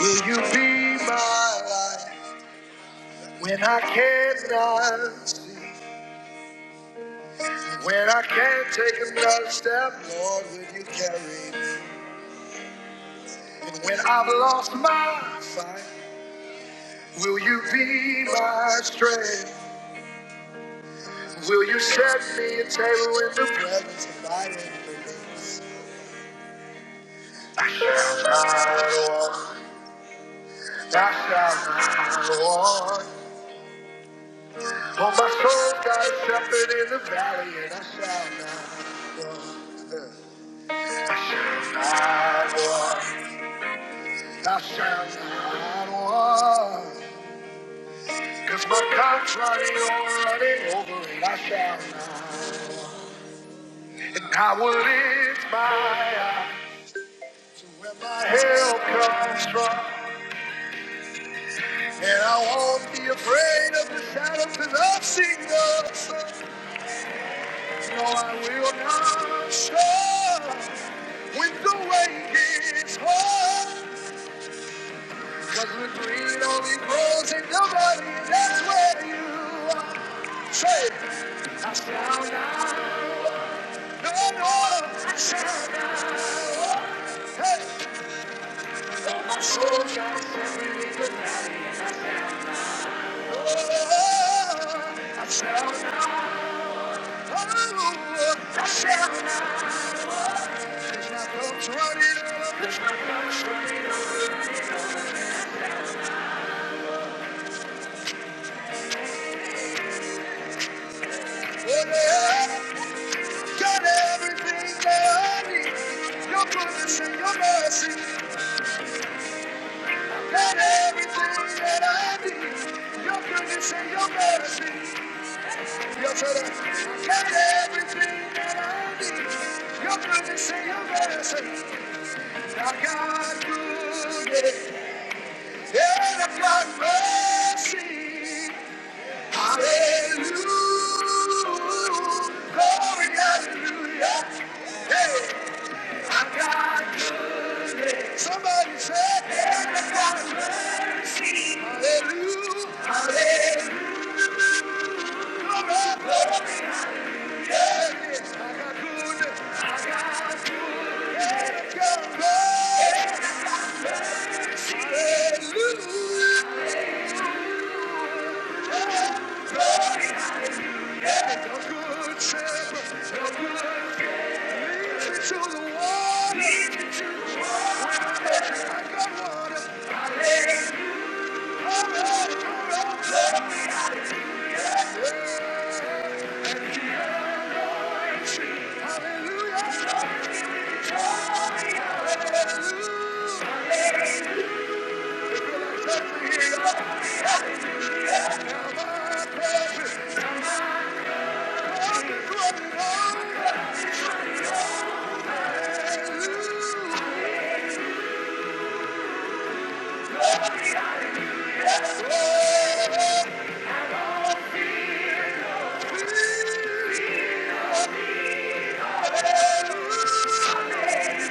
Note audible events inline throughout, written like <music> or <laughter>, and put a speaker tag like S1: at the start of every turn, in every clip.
S1: Will you be my light when I cannot see? When I can't take another step, Lord, will you carry me? When I've lost my fight, will you be my strength? Will you set me a table in the presence of my enemies? I shall not want, I shall not want. For my soul got a shepherd in the valley, and I shall not, I shall not want. I shall not want, cause my cup's running over, running over, and I shall not. And I will lift my eyes to where my help comes from, and I won't be afraid of the shadows that I've seen the sun. No, I will not stop when the way gets hard. Cause the green only grows in the valley, that's where you are. Say, the north Got everything that I need. Your goodness and your mercy. Got everything that I need. Your goodness and your mercy. Yes, sir. Got everything that I need. Your goodness and your mercy. I got good. head of your mercy. Hallelujah. Glory, hallelujah. Hey, Somebody said, Hallelujah. Glory, hallelujah. I got good. I got good. Hallelujah. The good good Hallelujah.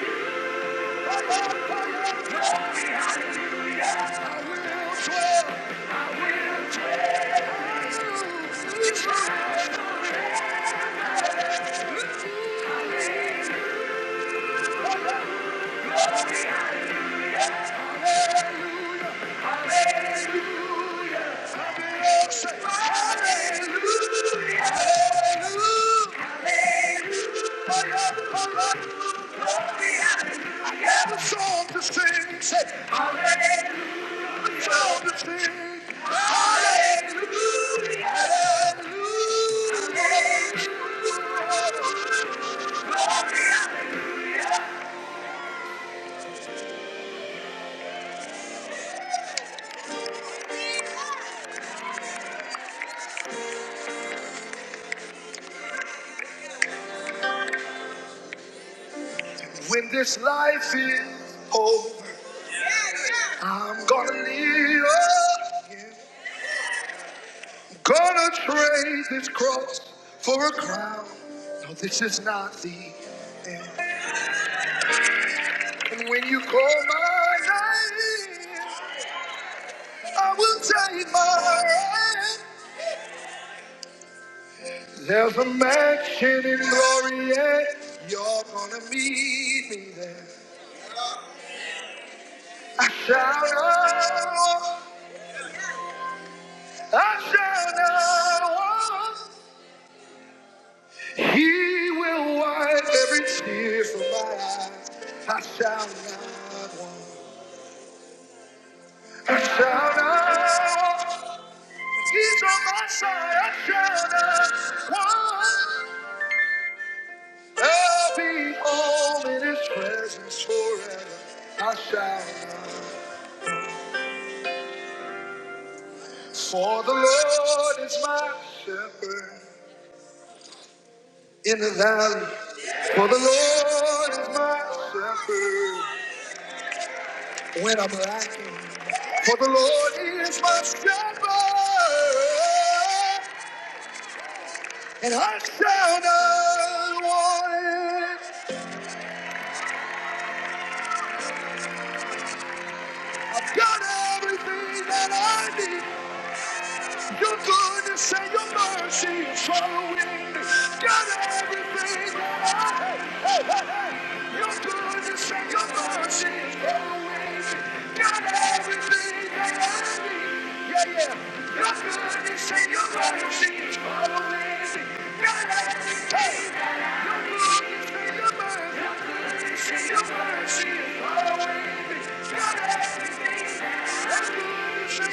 S1: When this life is over. I'm gonna live, gonna trade this cross for a crown. No, this is not the. And when you call my name, I will take my hand. There's a mansion in glory, and you're gonna meet me there. I shall not, walk, I shall not walk. He will wipe every tear from my eye. I shall not. I shout out, he's on my side. I shout out, one, I'll be home in his presence forever. I shout out, for the Lord is my shepherd in the valley. For the Lord is my shepherd when I'm lacking. For the Lord is my shepherd, and I shall not want. I've got everything that I need. Yes, Your goodness and say your mercy is following Got everything that I have. Hey, hey, hey. Your goodness and say your mercy is following Got everything that I need. Yeah, yeah. Your goodness and say your mercy is following Got everything. Your goodness and say your mercy. are goodness and say your mercy is following Got everything. Your goodness and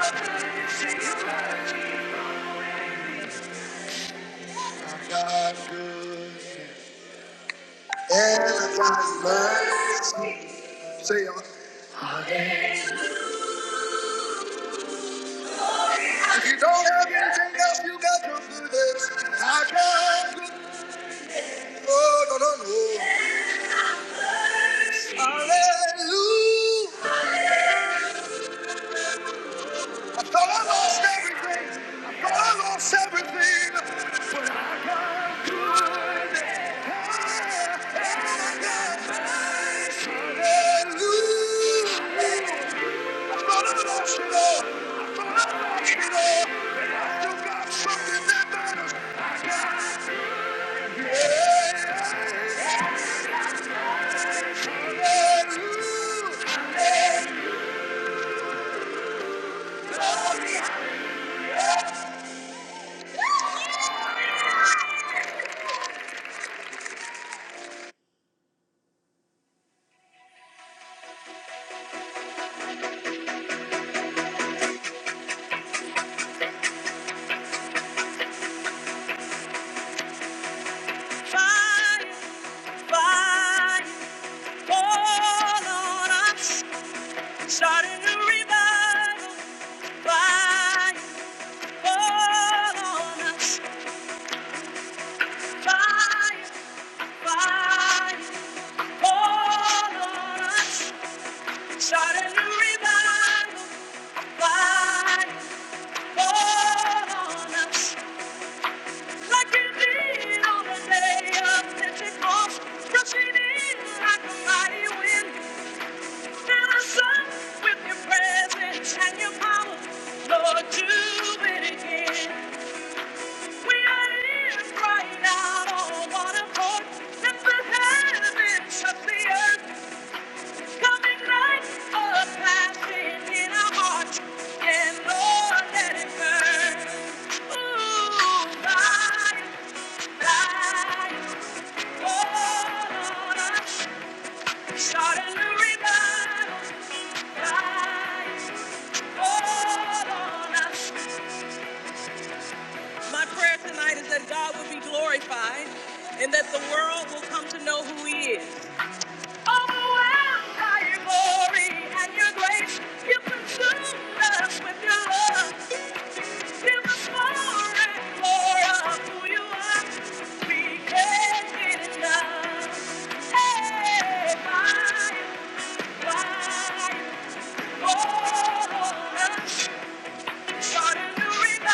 S1: say your mercy. God's good. Everybody's mercy. Say, y'all. if you don't have anything else, you got to do this. I got to Oh, no, no, no. Hallelujah. I thought I lost everything. I thought I lost everything. Hallelujah. I thought I lost it all. I thought I lost it all. But I still got something that matters. Hallelujah. Fire, fire, fall on us. starting a revival. Fire, fall on us. fire, fire, fall on us. starting a revival. Fire, fall on us. like you did on the day of Pentecost, rushing in like a mighty wind. With your presence and your power, Lord, do it again. We are here crying out on one accord. Let the heavens the earth. Coming night, a passion in our hearts. And Lord, let it burn. Ooh, light, light, fall on us. Start a new My prayer tonight is that God will be glorified and that the world will come to know who He is. Overwhelmed by your glory and your grace, you consumed us with your love. Give us more and more of who you are. We can't get enough. Hey, my fire, Oh, on You're the only one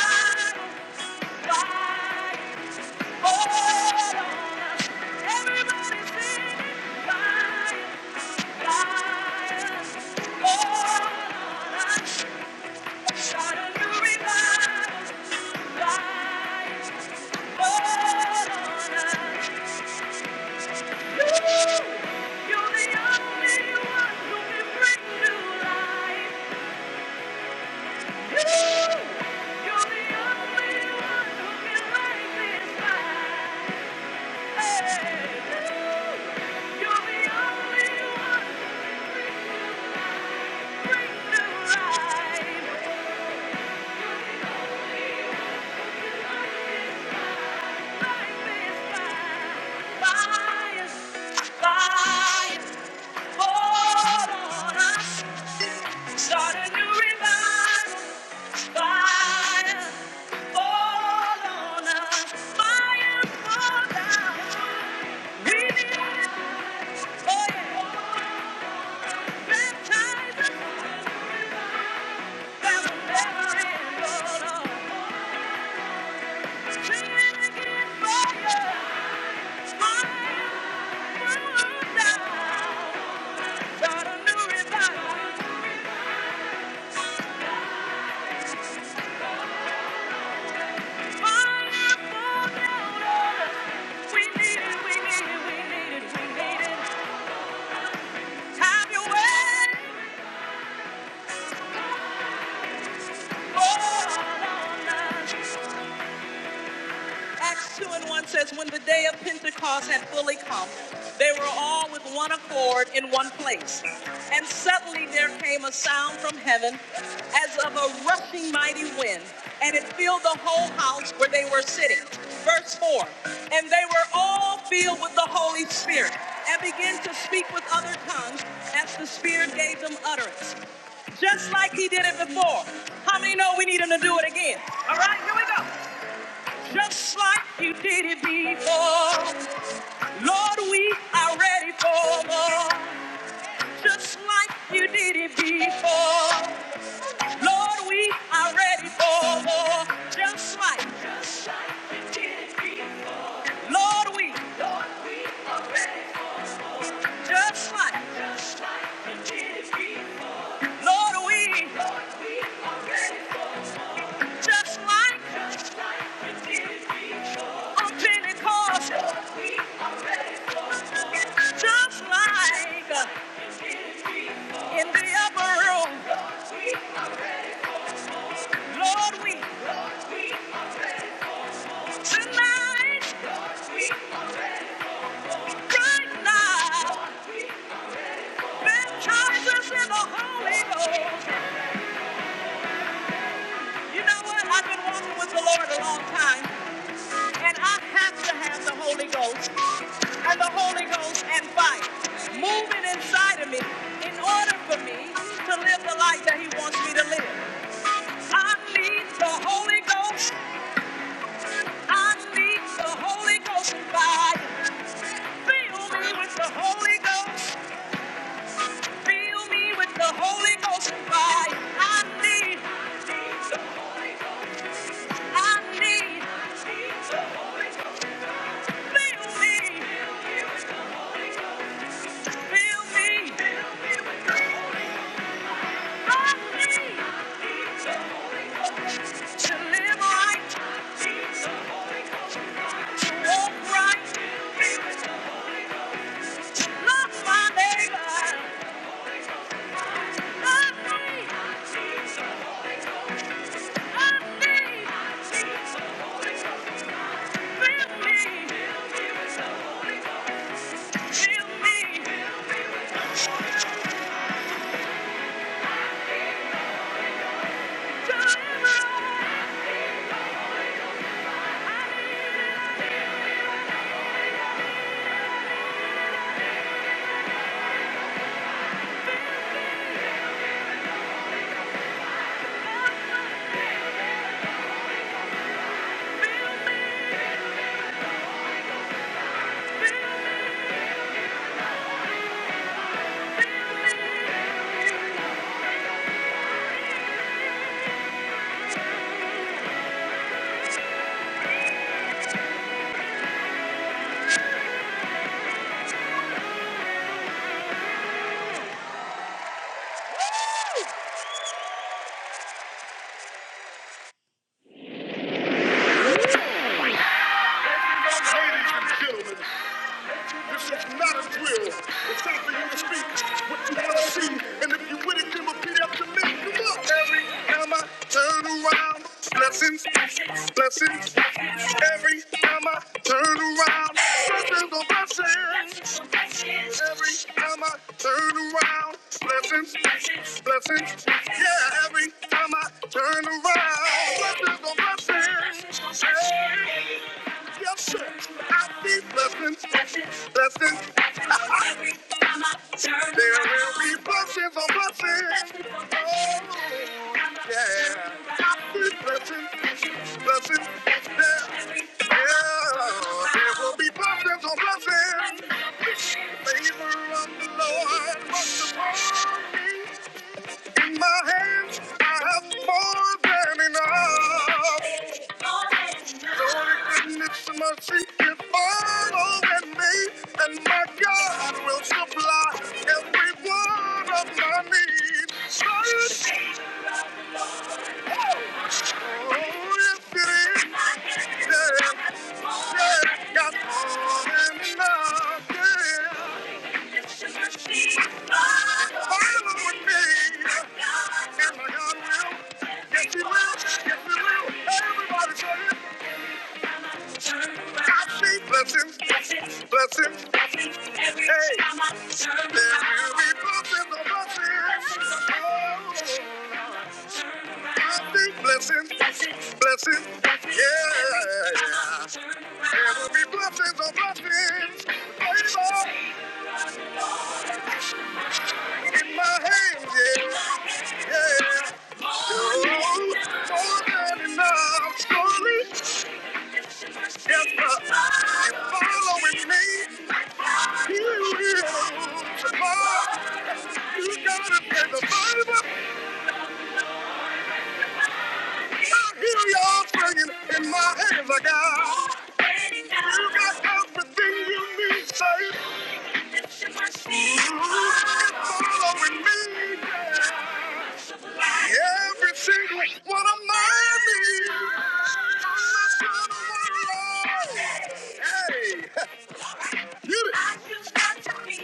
S1: who can break this bind. Baptize us We need it, we need it, we need it. Have your way, Lord. Acts 2 and 1 says, When the day of Pentecost had fully come, they were all with one accord in one place. And suddenly there came a sound from heaven as of a rushing mighty wind, and it filled the whole house where they were sitting. Verse 4 And they were all filled with the Holy Spirit and began to speak with other tongues as the Spirit gave them utterance just like he did it before. How many know we need him to do it again? All right, here we go. Just like you did it before. Lord, we are ready for more. Just like you did it before. Lord, we are ready for more. Just like, Lord, we, just like, Lord, we, just like on Pentecost. Just like in the upper room. Lord, we, tonight, we, right now. Baptize us in the Holy Ghost. You know what? I've been walking with the Lord a long time, and I have to have the Holy Ghost and the Holy Ghost and fire moving inside of me in order for me to live the life that He wants me to live. I need the Holy Ghost. I need the Holy Ghost and fire. Fill me with the Holy Ghost. Fill me with the Holy Ghost and fire. I need. the I need feel me, feel me. I need to live right, to walk right, to love my neighbor. I need, I feel me, feel me, to live right. Ladies and gentlemen, this is not a drill. It's time for you to speak what you want to see. And if you with it, then repeat after me. Come on. Every time I turn around, blessings, blessings. Every time I turn around, blessings on blessings. Every time I turn around, blessings, blessings. Yeah, every time I turn around, blessings on blessings. Yeah. Yes, sir. I need blessings. Blessings. Every time I turn there will be blessings on blessings. Oh, yeah. Need blessings. Blessings. Yeah. There will be blessings on blessings. Favor of the Lord. my hands, I have more than enough. Your goodness and mercy is following me, and my God will supply every one of my needs. Hallelujah. yeah. Got confidence following me, and my God will, yes, He will, yes, He will. Hey, Blessings, blessings, blessings, blessings. Every hey. time I turn around. There will be blessings blessings. Blessings, blessings, blessings. blessings. Yeah, There will be blessings on blessings. Favor in my hands, yeah, yeah. More than Oh, more than enough. Surely, yes, sir. You're following me. You will tomorrow. You gotta pay the Bible. I hear y'all singing in my hands. I got You got everything you need, babe. It's following me. Every single one of my needs. Hey, <laughs> you I just got to be.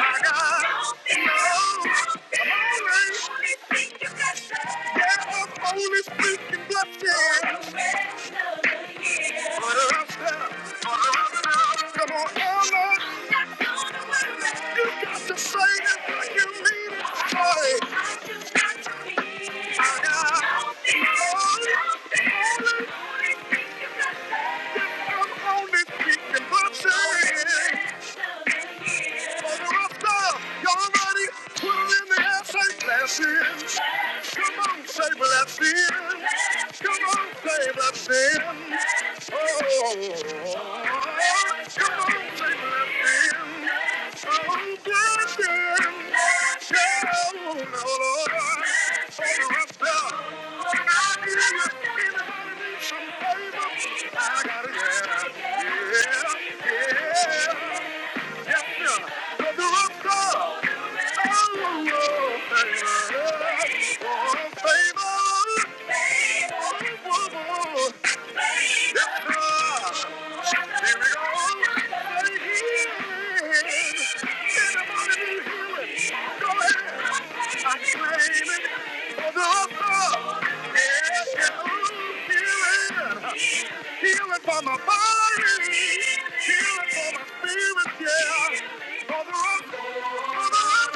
S1: I got no. I'm always. Only thing you got to Yeah, I'm only speaking blessings. what the rest of- Come on, Ella. You got to fight it like you mean it, boy. I'm only speaking what's in. After y'all ready, put it in the air, say blessings. Come on, say blessings. Come on, say blessings. Oh, come on, say blessings. Oh, blessings. Yeah, oh, no, Lord. Oh, Raphael. I got it, yeah, yeah, yeah. Baby, for the Thank you. Healing for my body, healing for my spirit, yeah. Brother up, brother up,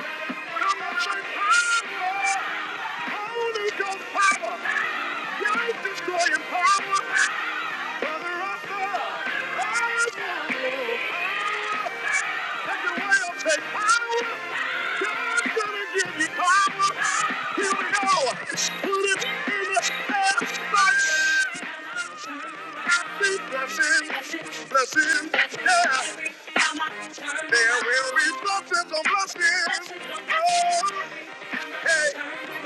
S1: come on, say power. Holy Ghost power, life destroying power. Brother up, take it away, I'll take power. God's gonna give you power. Here we go, put it in the air, Blessings, blessings, yeah. There will be blessings on blessings. Oh, hey.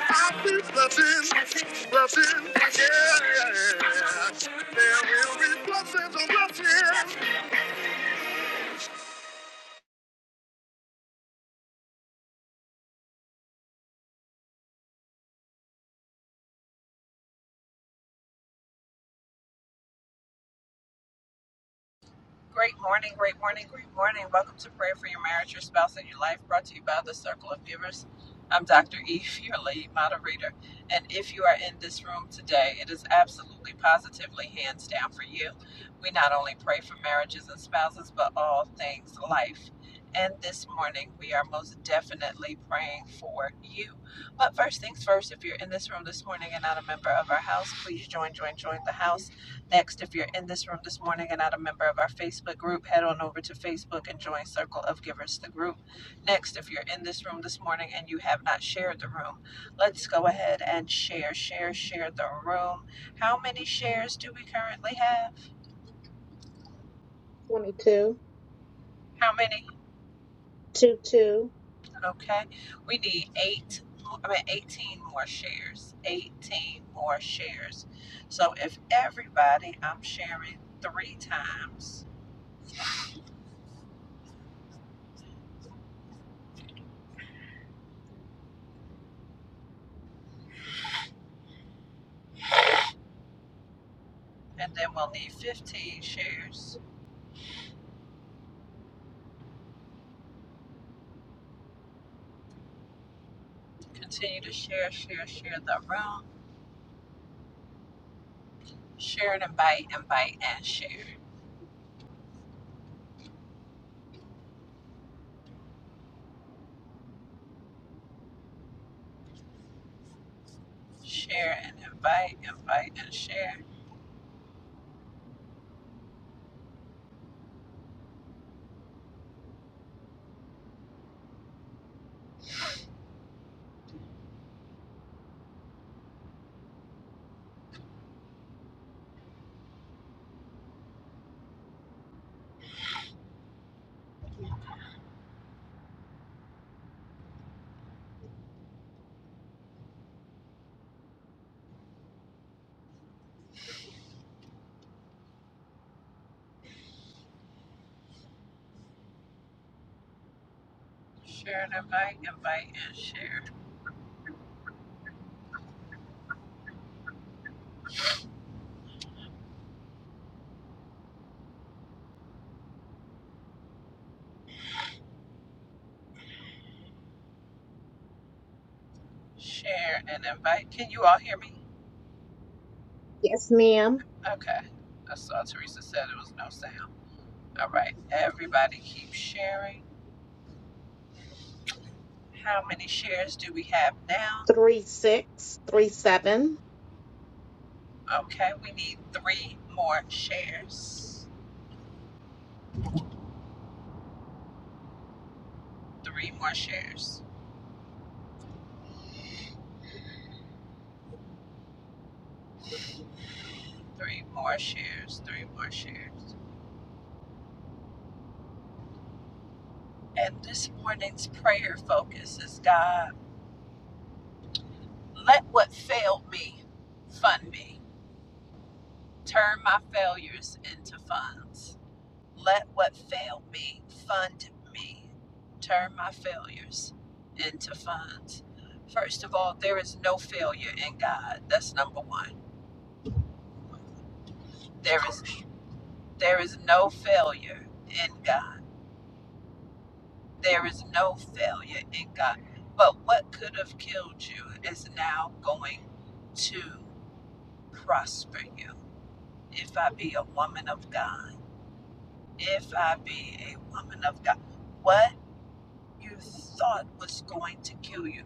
S1: I see blessings, blessings, yeah. There will be blessings on blessings.
S2: Great morning, great morning, great morning. Welcome to Prayer for Your Marriage, Your Spouse, and Your Life, brought to you by the Circle of Givers. I'm Dr. Eve, <laughs> your lead moderator. And if you are in this room today, it is absolutely positively hands down for you. We not only pray for marriages and spouses, but all things life. And this morning, we are most definitely praying for you. But first things first, if you're in this room this morning and not a member of our house, please join, join, join the house. Next, if you're in this room this morning and not a member of our Facebook group, head on over to Facebook and join Circle of Givers, the group. Next, if you're in this room this morning and you have not shared the room, let's go ahead and share, share, share the room. How many shares do we currently have?
S3: 22,
S2: How many?
S3: 2 2.
S2: Okay. We need eight, I mean, 18 more shares. 18 more shares. So if everybody, I'm sharing three times, and then we'll need 15 shares Continue to share, share, share the room. Share and invite, invite and share. Share and invite, invite and share. Share and invite, invite and share. Share and invite. Can you all hear me?
S3: Yes, ma'am.
S2: Okay. I saw Teresa said it was no sound. All right. Everybody keep sharing. How many shares do we have now?
S3: three six, three seven.
S2: Okay. We need three more shares. Three more shares. Three more shares. Three more shares. And this morning's prayer focus is God, let what failed me fund me. Turn my failures into funds. Let what failed me fund me. Turn my failures into funds. First of all, there is no failure in God. That's number one. There is there is no failure in God. There is no failure in God. But what could have killed you is now going to prosper you. If I be a woman of God, if I be a woman of God, what you thought was going to kill you,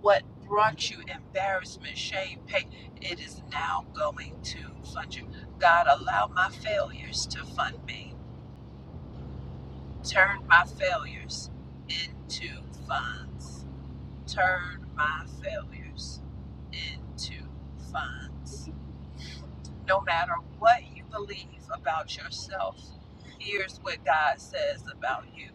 S2: what brought you embarrassment, shame, pain, it is now going to fund you. God, allow my failures to fund me. Turn my failures into funds. Turn my failures into funds No matter what you believe about yourself, here's what God says about you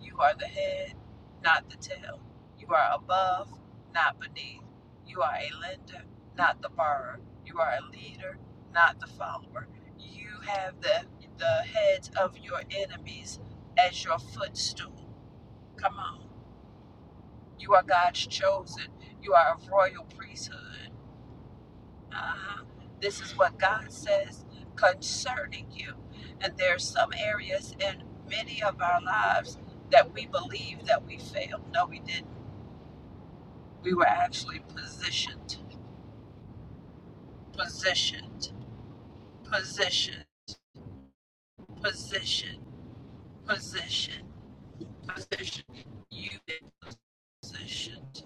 S2: you are the head, not the tail. You are above, not beneath. You are a lender, not the borrower. You are a leader, not the follower. You have the, the heads of your enemies as your footstool. Come on. You are God's chosen. You are a royal priesthood. Uh-huh. This is what God says concerning you. And there are some areas in many of our lives that we believe that we failed. No, we didn't. We were actually positioned, positioned, positioned, positioned, positioned, positioned. You've been positioned.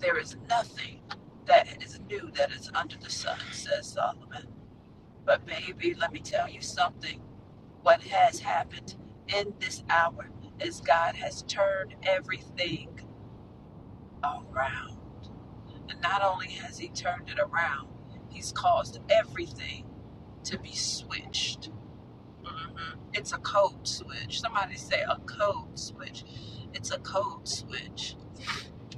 S2: There is nothing that is new that is under the sun, says Solomon. But baby, let me tell you something. what has happened in this hour is God has turned everything around. And not only has He turned it around, He's caused everything to be switched. Mhm. It's a code switch. Somebody say a code switch. It's a code switch.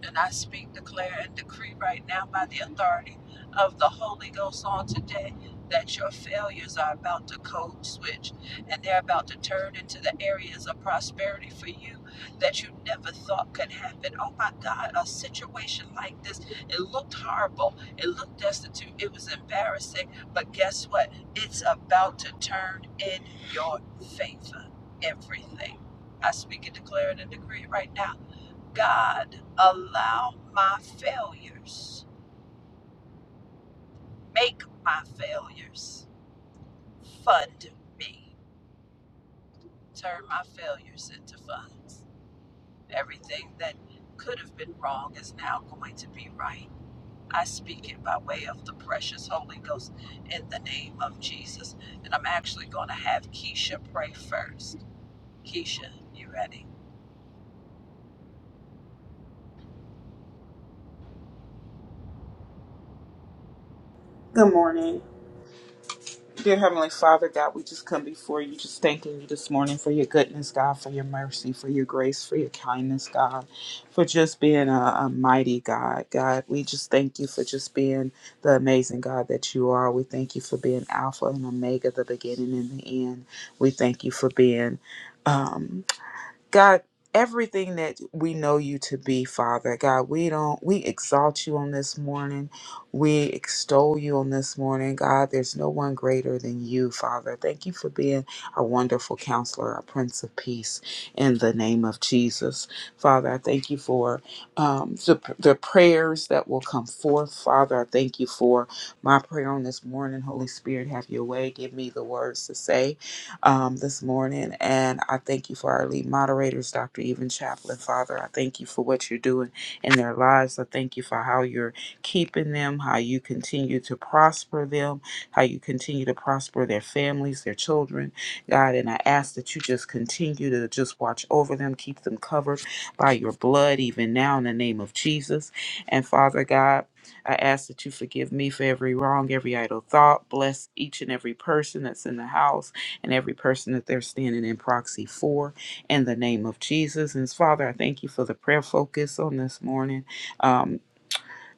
S2: And I speak, declare, and decree right now by the authority of the Holy Ghost on today that your failures are about to code switch and they're about to turn into the areas of prosperity for you that you never thought could happen. Oh my God, a situation like this, it looked horrible, it looked destitute, it was embarrassing, but guess what? It's about to turn in your favor. Everything. I speak and declare it and decree it right now God, allow my failures, make my failures fund me. Turn my failures into funds. Everything that could have been wrong is now going to be right. I speak it by way of the precious Holy Ghost in the name of Jesus. And I'm actually going to have Keisha pray first. Keisha, you ready?
S4: Good morning. Dear Heavenly Father, God, we just come before you, just thanking you this morning for your goodness, God, for your mercy, for your grace, for your kindness, God, for just being a, a mighty God. God, we just thank you for just being the amazing God that you are. We thank you for being Alpha and Omega, the beginning and the end. We thank you for being. Um, God, everything that we know you to be, Father, God, we don't, we exalt you on this morning. We extol you on this morning, God. There's no one greater than you, Father. Thank you for being a wonderful counselor, a prince of peace in the name of Jesus. Father, I thank you for um, the, the prayers that will come forth, Father. I thank you for my prayer on this morning. Holy Spirit, have your way. Give me the words to say um, this morning. And I thank you for our lead moderators, Dr. Even Chaplin, Father. I thank you for what you're doing in their lives. I thank you for how you're keeping them, how you continue to prosper them, how you continue to prosper their families, their children, God. And I ask that you just continue to just watch over them, keep them covered by your blood, even now in the name of Jesus. And Father God, I ask that you forgive me for every wrong, every idle thought. Bless each and every person that's in the house and every person that they're standing in proxy for in the name of Jesus. And Father, I thank you for the prayer focus on this morning. Um,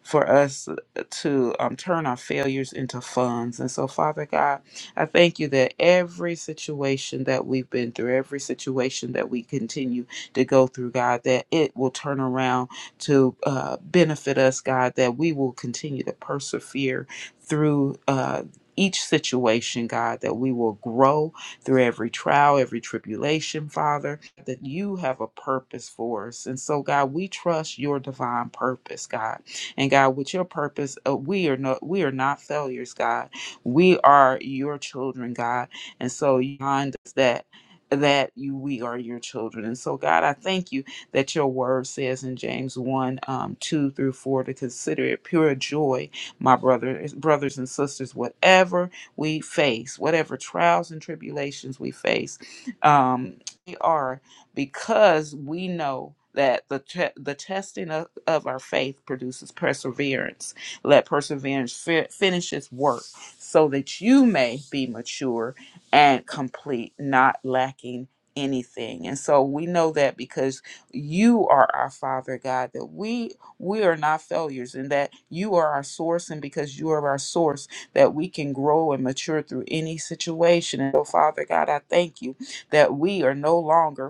S4: for us to um, turn our failures into funds. And so, Father God, I thank you that every situation that we've been through, every situation that we continue to go through, God, that it will turn around to uh, benefit us, God, that we will continue to persevere through. Uh, each situation, God, that we will grow through every trial, every tribulation, Father, that you have a purpose for us. And so, God, we trust your divine purpose, God. And God, with your purpose, uh, we are not we are not failures, God. We are your children, God. And so you remind us that that you we are your children. And so God, I thank you that your word says in James 1, um, 2 through 4 to consider it pure joy, my brothers, brothers and sisters, whatever we face, whatever trials and tribulations we face, um, we are because we know that the te- the testing of, of our faith produces perseverance. Let perseverance fi- finish its work, so that you may be mature and complete, not lacking anything. And so we know that because you are our Father God, that we we are not failures, and that you are our source, and because you are our source, that we can grow and mature through any situation. And so, Father God, I thank you that we are no longer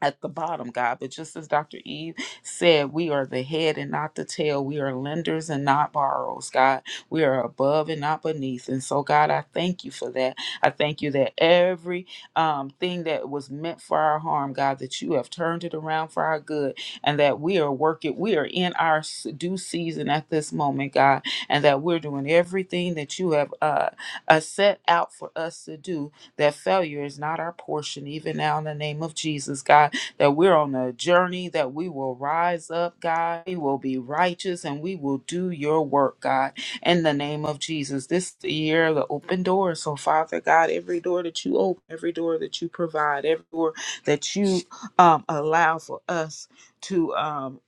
S4: at the bottom, God. But just as Dr. Eve said, we are the head and not the tail. We are lenders and not borrowers, God. We are above and not beneath. And so, God, I thank you for that. I thank you that every um, thing that was meant for our harm, God, that you have turned it around for our good and that we are working, we are in our s- due season at this moment, God, and that we're doing everything that you have uh, uh, set out for us to do, that failure is not our portion, even now in the name of Jesus, God that we're on a journey, that we will rise up, God. We will be righteous and we will do your work, God, in the name of Jesus. This year the open door. So, Father God, every door that you open, every door that you provide, every door that you um, allow for us to um,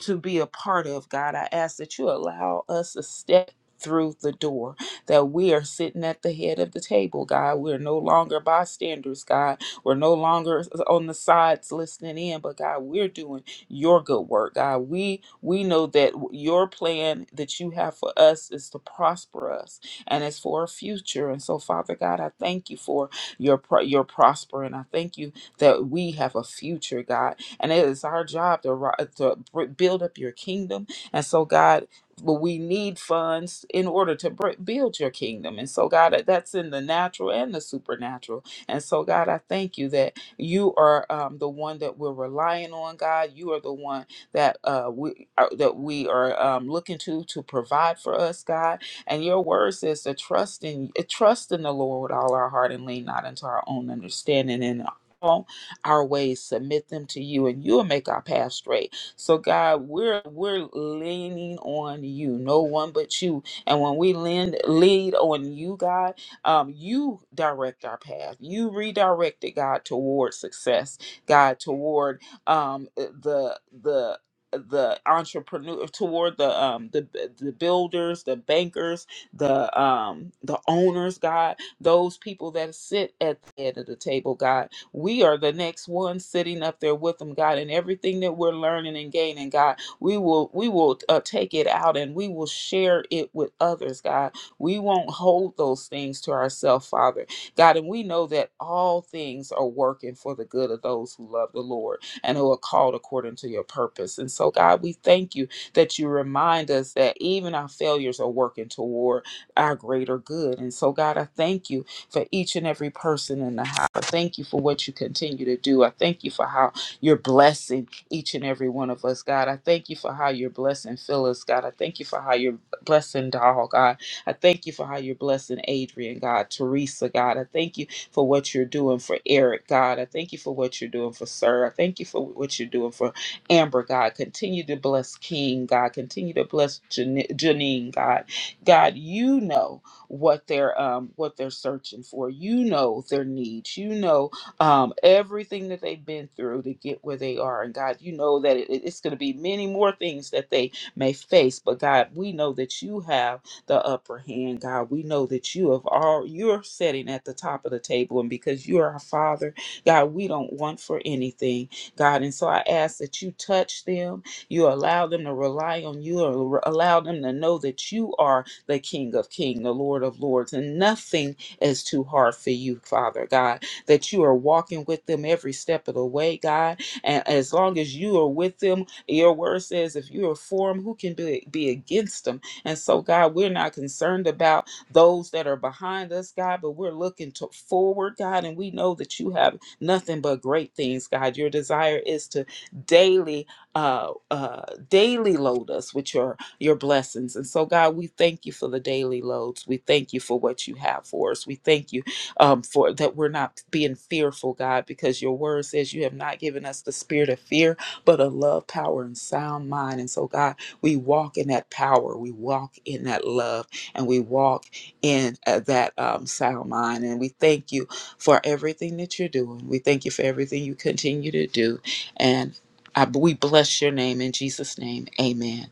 S4: to be a part of, God, I ask that you allow us to step through the door that we are sitting at the head of the table, God. We're no longer bystanders, God we're no longer on the sides listening in, but God, we're doing your good work. God, we we know that your plan that you have for us is to prosper us and it's for a future. And so, Father God, I thank you for your pro- your prospering. I thank you that we have a future, God, and it is our job to ri- to br- build up your kingdom. And so, God. But we need funds in order to br- build your kingdom. And so, God, that's in the natural and the supernatural. And so, God, I thank you that you are um, the one that we're relying on, God. You are the one that uh, we are, that we are um, looking to to provide for us, God. And your word says to trust in trust in the Lord with all our heart and lean not into our own understanding and in all our ways submit them to you and you'll make our path straight so god we're we're leaning on you no one but you and when we lean lead on you god um, you direct our path. You redirected God toward success, God toward um, uh, the the the entrepreneur toward the um the the builders the bankers the um the owners god those people that sit at the head of the table god we are the next one sitting up there with them god and everything that we're learning and gaining god we will we will uh, take it out and we will share it with others god we won't hold those things to ourselves, Father. God, and we know that all things are working for the good of those who love the Lord and who are called according to your purpose. And so, God, we thank you that you remind us that even our failures are working toward our greater good. And so, God, I thank you for each and every person in the house. I thank you for what you continue to do. I thank you for how you're blessing each and every one of us, God. I thank you for how you're blessing Phyllis, God. I thank you for how you're blessing Doll, God. I thank you for how you're blessing Adrian, God, Teresa, God. I thank you for what you're doing for Eric, God. I thank you for what you're doing for Sir. I thank you for what you're doing for Amber, God. Continue to bless King, God. Continue to bless Jan- Janine, God. God, you know what they're um what they're searching for. You know their needs. You know um everything that they've been through to get where they are. And God, you know that it, it's going to be many more things that they may face. But God, we know that you have the upper hand, God. We know that you have all you're sitting at the top of the table, and because you are our Father, God, we don't want for anything, God. And so I ask that you touch them, you allow them to rely on you, or allow them to know that you are the King of Kings, the Lord of Lords, and nothing is too hard for you, Father God. That you are walking with them every step of the way, God. And as long as you are with them, your word says, if you are for them, who can be, be against them? And so, God, we're not concerned about those that are behind us, God, but we're looking to forward, God, and we know that you have nothing but great things, God. Your desire is to daily, uh, uh, daily load us with your your blessings. And so, God, we thank you for the daily loads. We thank you for what you have for us. We thank you um, for that we're not being fearful, God, because your word says you have not given us the spirit of fear, but of love, power, and sound mind. And so, God. We walk in that power. We walk in that love, and we walk in uh, that um, sound mind. And we thank you for everything that you're doing. We thank you for everything you continue to do. And I, we bless your name in Jesus' name. Amen.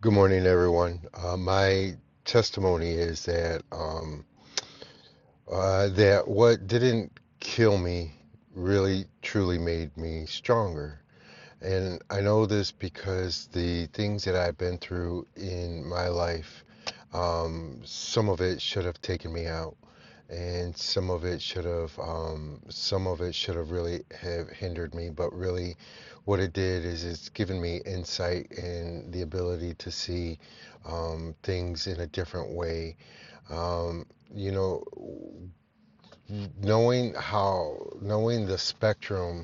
S5: Good morning, everyone. Uh, my testimony is that um, uh, that what didn't kill me really truly made me stronger, and I know this because the things that I've been through in my life, um, some of it should have taken me out and some of it should have um, some of it should have really have hindered me but really what it did is it's given me insight and the ability to see um, things in a different way um, you know knowing how knowing the spectrum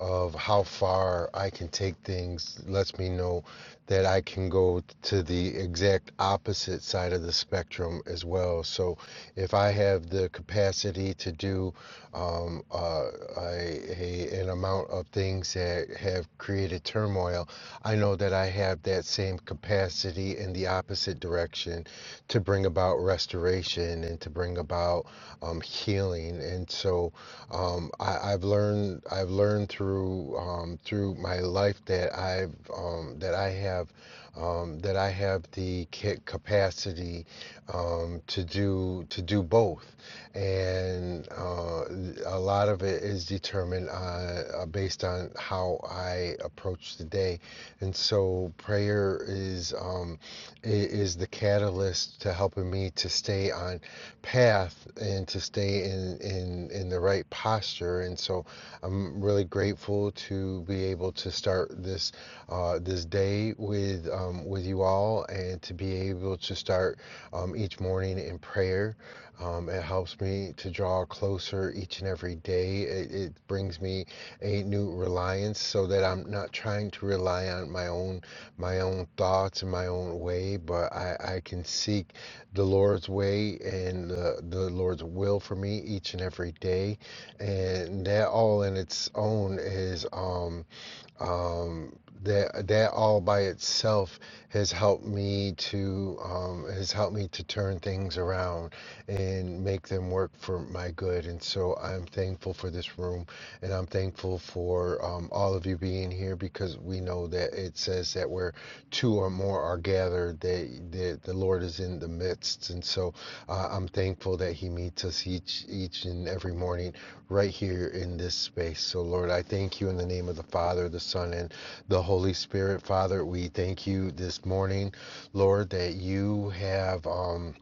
S5: of how far I can take things lets me know that I can go to the exact opposite side of the spectrum as well. So if I have the capacity to do um, uh, a, a, an amount of things that have created turmoil, I know that I have that same capacity in the opposite direction to bring about restoration and to bring about um, healing. And so um, I, I've learned I've learned through um, through my life that I've um, that I have um, that I have the ca- capacity um, to do to do both, and uh, a lot of it is determined on, uh, based on how I approach the day, and so prayer is um, i- is the catalyst to helping me to stay on path and to stay in in in the right posture and so I'm really grateful to be able to start this uh, this day with um, with you all and to be able to start um, each morning in prayer um, it helps me to draw closer each and every day it, it brings me a new reliance so that I'm not trying to rely on my own my own thoughts and my own way but I, I can seek the Lord's way and the, the Lord's will for me each and every day. And that all in its own is. Um, um, that that all by itself has helped me to um, has helped me to turn things around and make them work for my good. And so I'm thankful for this room, and I'm thankful for um, all of you being here because we know that it says that where two or more are gathered, that the, the Lord is in the midst. And so uh, I'm thankful that He meets us each each and every morning right here in this space. So, Lord, I thank you in the name of the Father, the Son, and the Holy Spirit. Father, we thank you this morning, Lord, that you have. Um,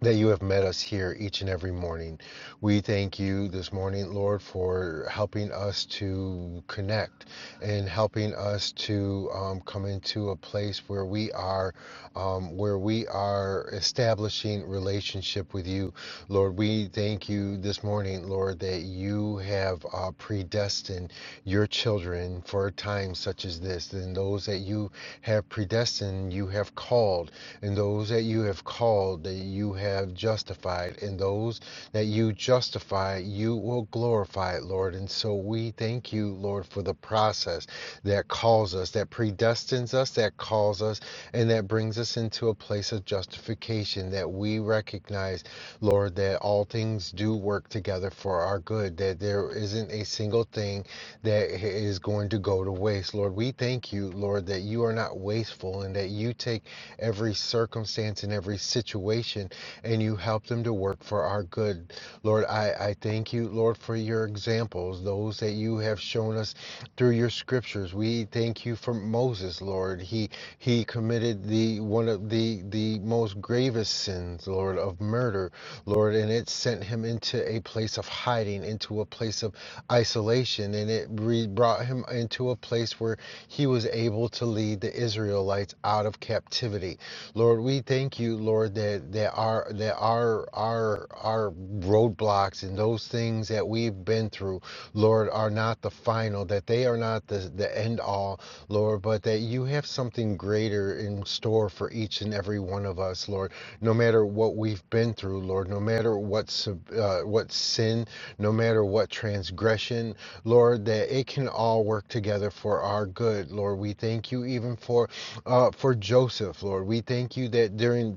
S5: that you have met us here each and every morning. We thank you this morning, Lord, for helping us to connect and helping us to um, come into a place where we are, um, where we are establishing relationship with you, Lord. We thank you this morning, Lord, that you have uh, predestined your children for a time such as this, and those that you have predestined, you have called and those that you have called, that you have justified, and those that you justify, you will glorify, it, Lord. And so we thank you, Lord, for the process that calls us, that predestines us, that calls us, and that brings us into a place of justification that we recognize, Lord, that all things do work together for our good, that there isn't a single thing that is going to go to waste. Lord, we thank you, Lord, that you are not wasteful and that you take every circumstance and every situation, and you help them to work for our good. Lord, I, I thank you, Lord, for your examples, those that you have shown us through your scriptures. We thank you for Moses, Lord. He he committed the one of the the most gravest sins, Lord, of murder, Lord, and it sent him into a place of hiding, into a place of isolation, and it re- brought him into a place where he was able to lead the Israelites out of captivity. Lord, we thank you, Lord, that there are there are our our roadblocks and those things that we've been through, Lord, are not the final, that they are not the, the end all, Lord, but that you have something greater in store for each and every one one of us, Lord, no matter what we've been through, Lord, no matter what, uh, what sin, no matter what transgression, Lord, that it can all work together for our good, Lord. We thank you even for uh, for Joseph, Lord. We thank you that during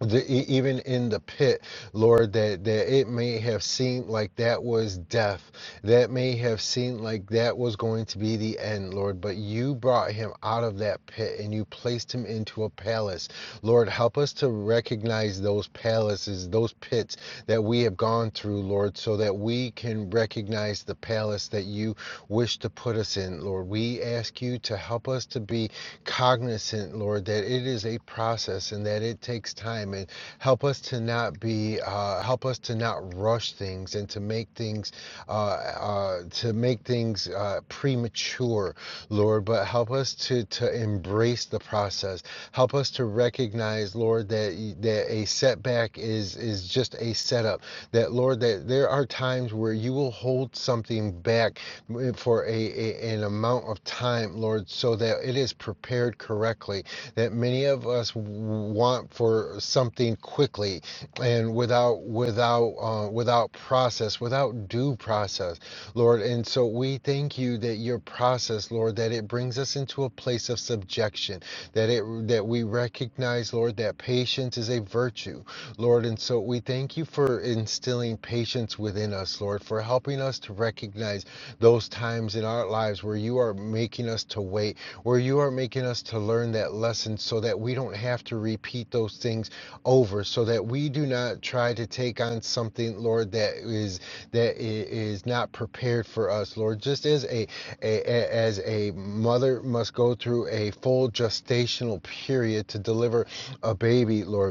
S5: the, e- even in the pit, Lord, that, that it may have seemed like that was death. That may have seemed like that was going to be the end, Lord. But you brought him out of that pit and you placed him into a palace. Lord, help us to recognize those palaces, those pits that we have gone through, Lord, so that we can recognize the palace that you wish to put us in, Lord. We ask you to help us to be cognizant, Lord, that it is a process process and that it takes time and help us to not be uh, help us to not rush things and to make things uh, uh, to make things uh, premature lord but help us to to embrace the process help us to recognize lord that that a setback is is just a setup that lord that there are times where you will hold something back for a, a an amount of time lord so that it is prepared correctly that many of us want for something quickly and without without uh, without process, without due process, Lord. And so we thank you that your process, Lord, that it brings us into a place of subjection, that it that we recognize, Lord, that patience is a virtue Lord. And so we thank you for instilling patience within us, Lord, for helping us to recognize those times in our lives where you are making us to wait, where you are making us to learn that lesson so that we don't have to repeat those things over, so that we do not try to take on something, Lord, that is that i- is not prepared for us, Lord. Just as a, a a- as a mother must go through a full gestational period to deliver a baby, Lord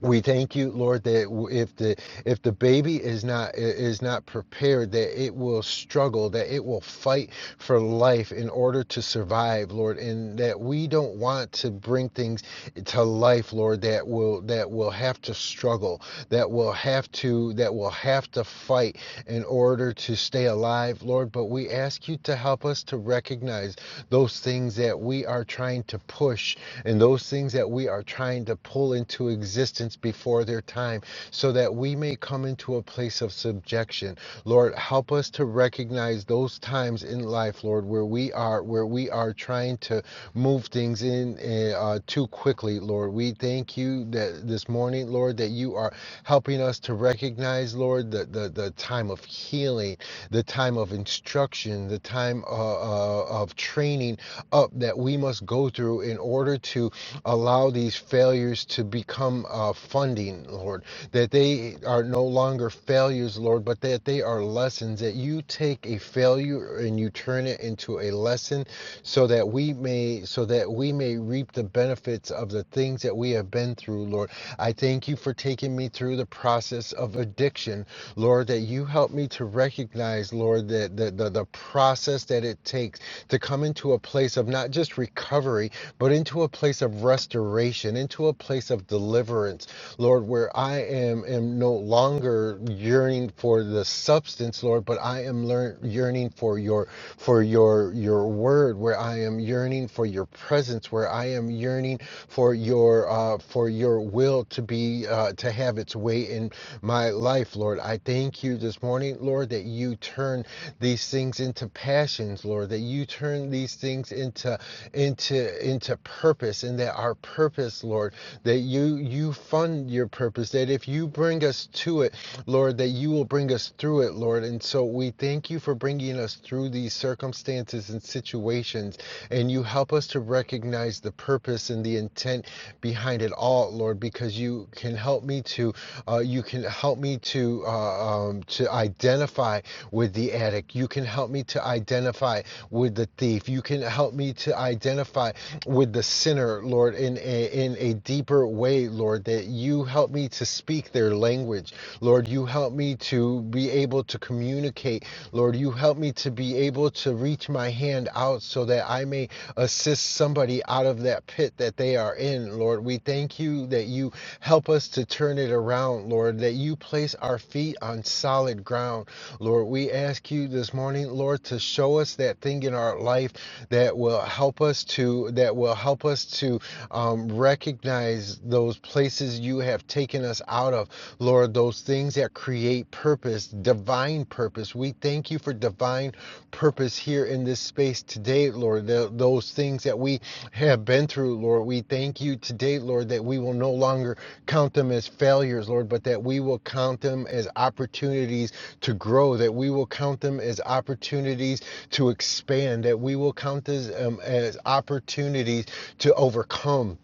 S5: we thank you, Lord, that if the if the baby is not is not prepared, that it will struggle, that it will fight for life in order to survive, Lord, and that we don't want to bring things to life, Lord, that will that will have to struggle, that will have to that will have to fight, in order to stay alive, Lord. But we ask you to help us to recognize those things that we are trying to push and those things that we are trying to pull into existence before their time so that we may come into a place of subjection. Lord, help us to recognize those times in life, Lord, where we are where we are trying to move things in uh, uh, too quickly, Lord. We thank you that this morning, Lord, that you are helping us to recognize, Lord, the, the, the time of healing, the time of instruction, the time uh, uh, of training up that we must go through in order to allow these failures to become uh, funding, Lord, that they are no longer failures, Lord, but that they are lessons, that you take a failure and you turn it into a lesson so that we may so that we may reap the benefits of the things things that we have been through, Lord. I thank you for taking me through the process of addiction, Lord, that you helped me to recognize, Lord, that the, the, the process that it takes to come into a place of not just recovery, but into a place of restoration, into a place of deliverance, Lord, where I am, am no longer yearning for the substance, Lord, but I am learn, yearning for your for your your word, where I am yearning yearning for your presence, where I am yearning for your uh, for your will to be uh, to have its way in my life, Lord. I thank you this morning, Lord, that you turn these things into passions, Lord, that you turn these things into into into purpose, and that our purpose, Lord, that you you fund your purpose, that if you bring us to it, Lord, that you will bring us through it, Lord. And so we thank you for bringing us through through these circumstances and situations. And you help us to recognize the purpose and the intent behind it all, Lord, because you can help me to, uh, you can help me to, uh, um, to identify with the addict. You can help me to identify with the thief. You can help me to identify with the sinner, Lord, in a, in a deeper way, Lord, that you help me to speak their language. Lord, you help me to to be able to communicate. Lord, you help me to be able to reach my hand out so that I may assist somebody out of that pit that they are in. Lord, we thank you that you help us to turn it around, Lord, that you place our feet on solid ground. Lord, we ask you this morning, Lord, to show us that thing in our life that will help us to that will help us to um, recognize those places you have taken taken us out of, Lord, those things that create purpose, divine purpose. We thank you for divine purpose here in this space today, Lord. Th- those things that we have been through, Lord, we thank you today, Lord, that we will no longer count them as failures, Lord, but that we will count them as opportunities to grow, that we will count them as opportunities to expand, that we will count as, um, as opportunities to overcome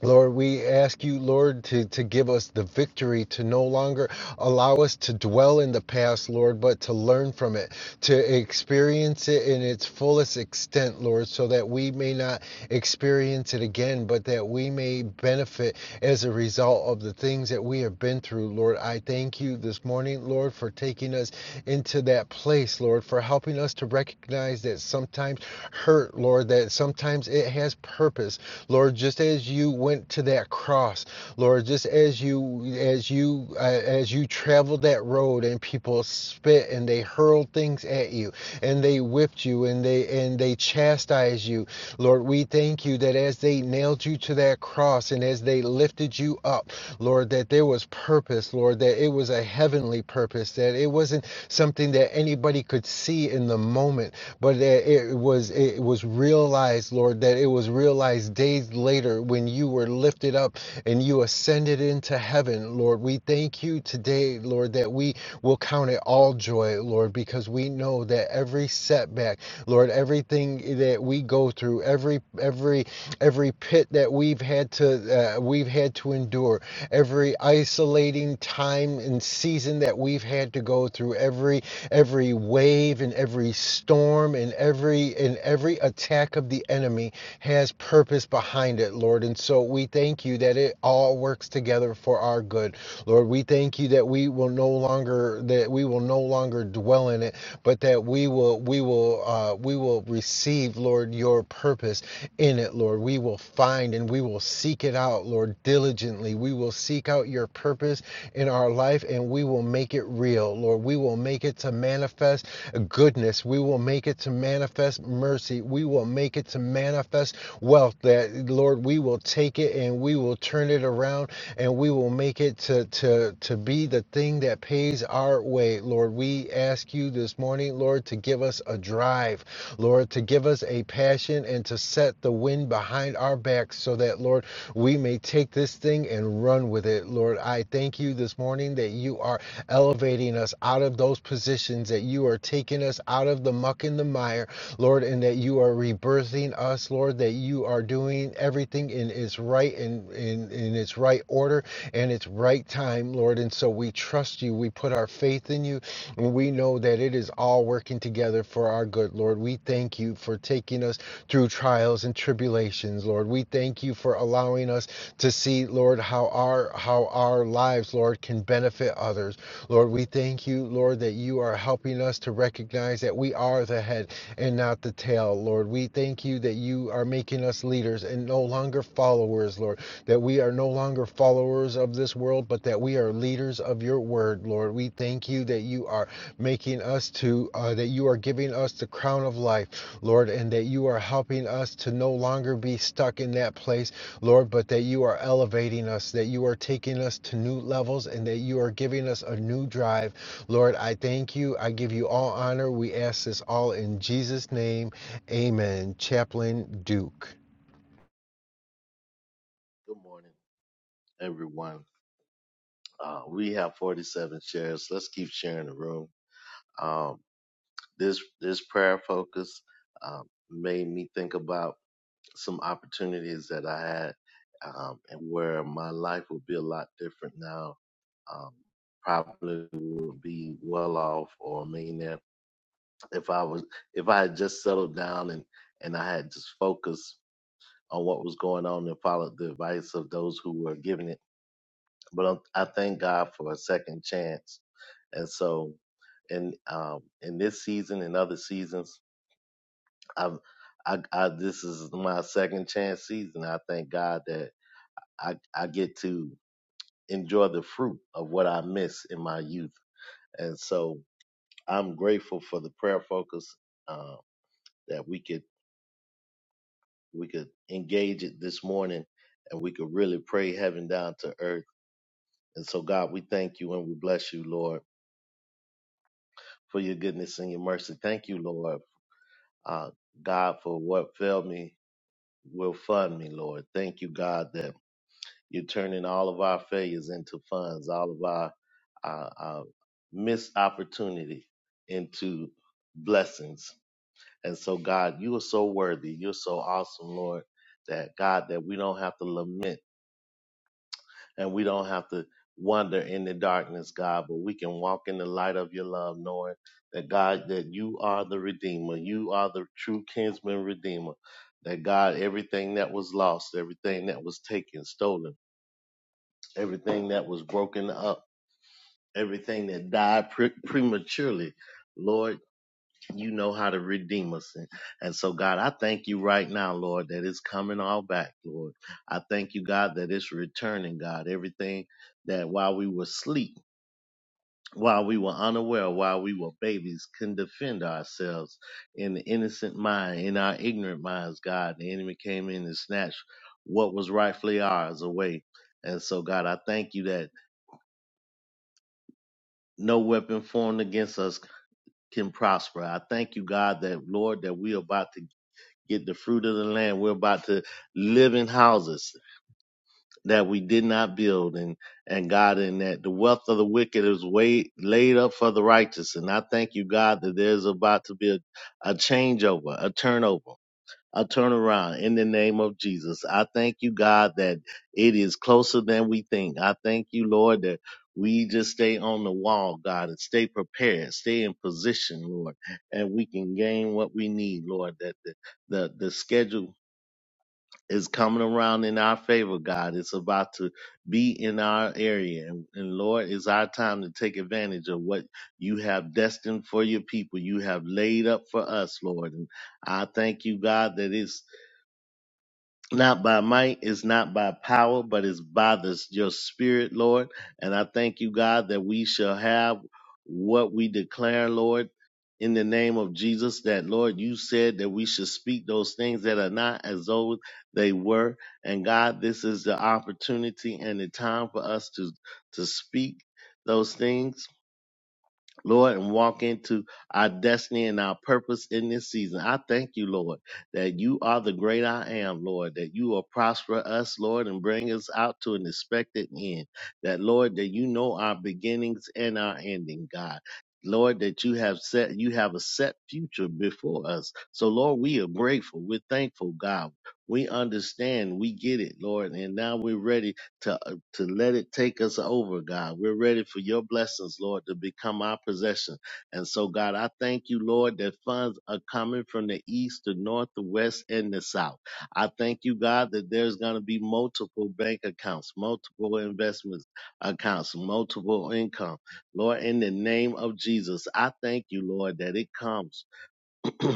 S5: Lord, we ask you, Lord, to, to give us the victory to no longer allow us to dwell in the past, Lord, but to learn from it, to experience it in its fullest extent, Lord, so that we may not experience it again, but that we may benefit as a result of the things that we have been through, Lord. I thank you this morning, Lord, for taking us into that place, Lord, for helping us to recognize that sometimes hurt, Lord, that sometimes it has purpose, Lord, just as you went to that cross, Lord, just as you as you uh, as you traveled that road and people spit and they hurled things at you and they whipped you and they and they chastised you. Lord, we thank you that as they nailed you to that cross and as they lifted you up, Lord, that there was purpose, Lord, that it was a heavenly purpose, that it wasn't something that anybody could see in the moment, but that it was it was realized, Lord, that it was realized days later when you were lifted up and you ascended into heaven, Lord. We thank you today, Lord, that we will count it all joy, Lord, because we know that every setback, Lord, everything that we go through, every every every pit that we've had to uh, we've had to endure, every isolating time and season that we've had to go through, every every wave and every storm and every and every every attack of the enemy has purpose behind it, Lord. And so we thank you that it all works together for our good. Lord, we thank you that we will no longer that we will no longer dwell in it, but that we will we will uh, we will receive, Lord, your purpose in it, Lord. We will find and we will seek it out, Lord, diligently. We will seek out your purpose in our life and we will make it real, Lord. We will make it to manifest goodness. We will make it to manifest mercy. We will make it to manifest wealth. That Lord, we will take it and we will turn it around and we will make it to to to be the thing that pays our way. Lord, we ask you this morning, Lord, to give us a drive, Lord, to give us a passion and to set the wind behind our backs so that Lord, we may take this thing and run with it. Lord, I thank you this morning that you are elevating us out of those positions that you are taking us us out of the muck and the mire, Lord, and that you are rebirthing us, Lord, that you are doing everything in its right and in, in in its right order and its right time, Lord. And so we trust you. We put our faith in you, and we know that it is all working together for our good, Lord. We thank you for taking us through trials and tribulations, Lord. We thank you for allowing us to see, Lord, how our how our lives, Lord, can benefit others. Lord, we thank you, Lord, that you are for helping us to recognize that we are the head and not the tail, Lord. We thank you that you are making us leaders and no longer followers, Lord. That we are no longer followers of this world, but that we are leaders of your word, Lord. We thank you that you are making us to, uh, that you are giving us the crown of life, Lord, and that you are helping us to no longer be stuck in that place, Lord, but that you are elevating us, that you are taking us to new levels, and that you are giving us a new drive Lord, I thank you. I give you all honor. We ask this all in Jesus' name. Amen. Chaplain Duke.
S6: Good morning, everyone. Uh, we have 47 shares. Let's keep sharing the room. Um, this this prayer focus um, made me think about some opportunities that I had, um, and where my life would be a lot different now. Um, probably would be well off or a millionaire if I was if I had just settled down and and I had just focused on what was going on and followed the advice of those who were giving it but I'm, I thank God for a second chance. And so, in um, in this season and other seasons, I've I, I this is my second chance season. I thank God that I I get to enjoy the fruit of what I missed in my youth. And so, I'm grateful for the prayer focus uh, that we could we could engage it this morning, and we could really pray heaven down to earth. And so, God, we thank you and we bless you, Lord. for your goodness and your mercy. Thank you, Lord, uh, God, for what failed me will fund me, Lord. Thank you, God, that you're turning all of our failures into funds, all of our uh, uh, missed opportunity into blessings. And so, God, you are so worthy. You're so awesome, Lord, that God, that we don't have to lament and we don't have to wander in the darkness, God, but we can walk in the light of your love, knowing that God, that you are the Redeemer, you are the true kinsman Redeemer. That God, everything that was lost, everything that was taken, stolen, everything that was broken up, everything that died pre- prematurely, Lord you know how to redeem us. And, and so, God, I thank you right now, Lord, that it's coming all back, Lord. I thank you, God, that it's returning, God. Everything that while we were asleep, while we were unaware, while we were babies, couldn't defend ourselves in the innocent mind, in our ignorant minds, God. The enemy came in and snatched what was rightfully ours away. And so, God, I thank you that no weapon formed against us can prosper. I thank you, God, that, Lord, that we are about to get the fruit of the land. We're about to live in houses that we did not build and and God in that the wealth of the wicked is way laid up for the righteous. And I thank you, God, that there's about to be a, a changeover, a turnover. A turnaround in the name of Jesus. I thank you, God, that it is closer than we think. I thank you, Lord, that we just stay on the wall, God, and stay prepared, stay in position, Lord, and we can gain what we need, Lord, that the, the, the schedule is coming around in our favor, God. It's about to be in our area. And, and Lord, it's our time to take advantage of what you have destined for your people. You have laid up for us, Lord. And I thank you, God, that it's not by might, it's not by power, but it's by the, your spirit, Lord. And I thank you, God, that we shall have what we declare, Lord, in the name of Jesus, that, Lord, you said that we should speak those things that are not as though they were. And God, this is the opportunity and the time for us to, to speak those things Lord, and walk into our destiny and our purpose in this season. I thank you, Lord, that you are the great I am, Lord, that you will prosper us, Lord, and bring us out to an expected end. That, Lord, that you know our beginnings and our ending, God. Lord, that you have set, you have a set future before us. So, Lord, we are grateful. We're thankful, God. We understand. We get it, Lord. And now we're ready to to let it take us over, God. We're ready for your blessings, Lord, to become our possession. And so, God, I thank you, Lord, that funds are coming from the east, the north, the west, and the south. I thank you, God, that there's going to be multiple bank accounts, multiple investment accounts, multiple income. Lord, in the name of Jesus, I thank you, Lord, that it comes. <clears throat>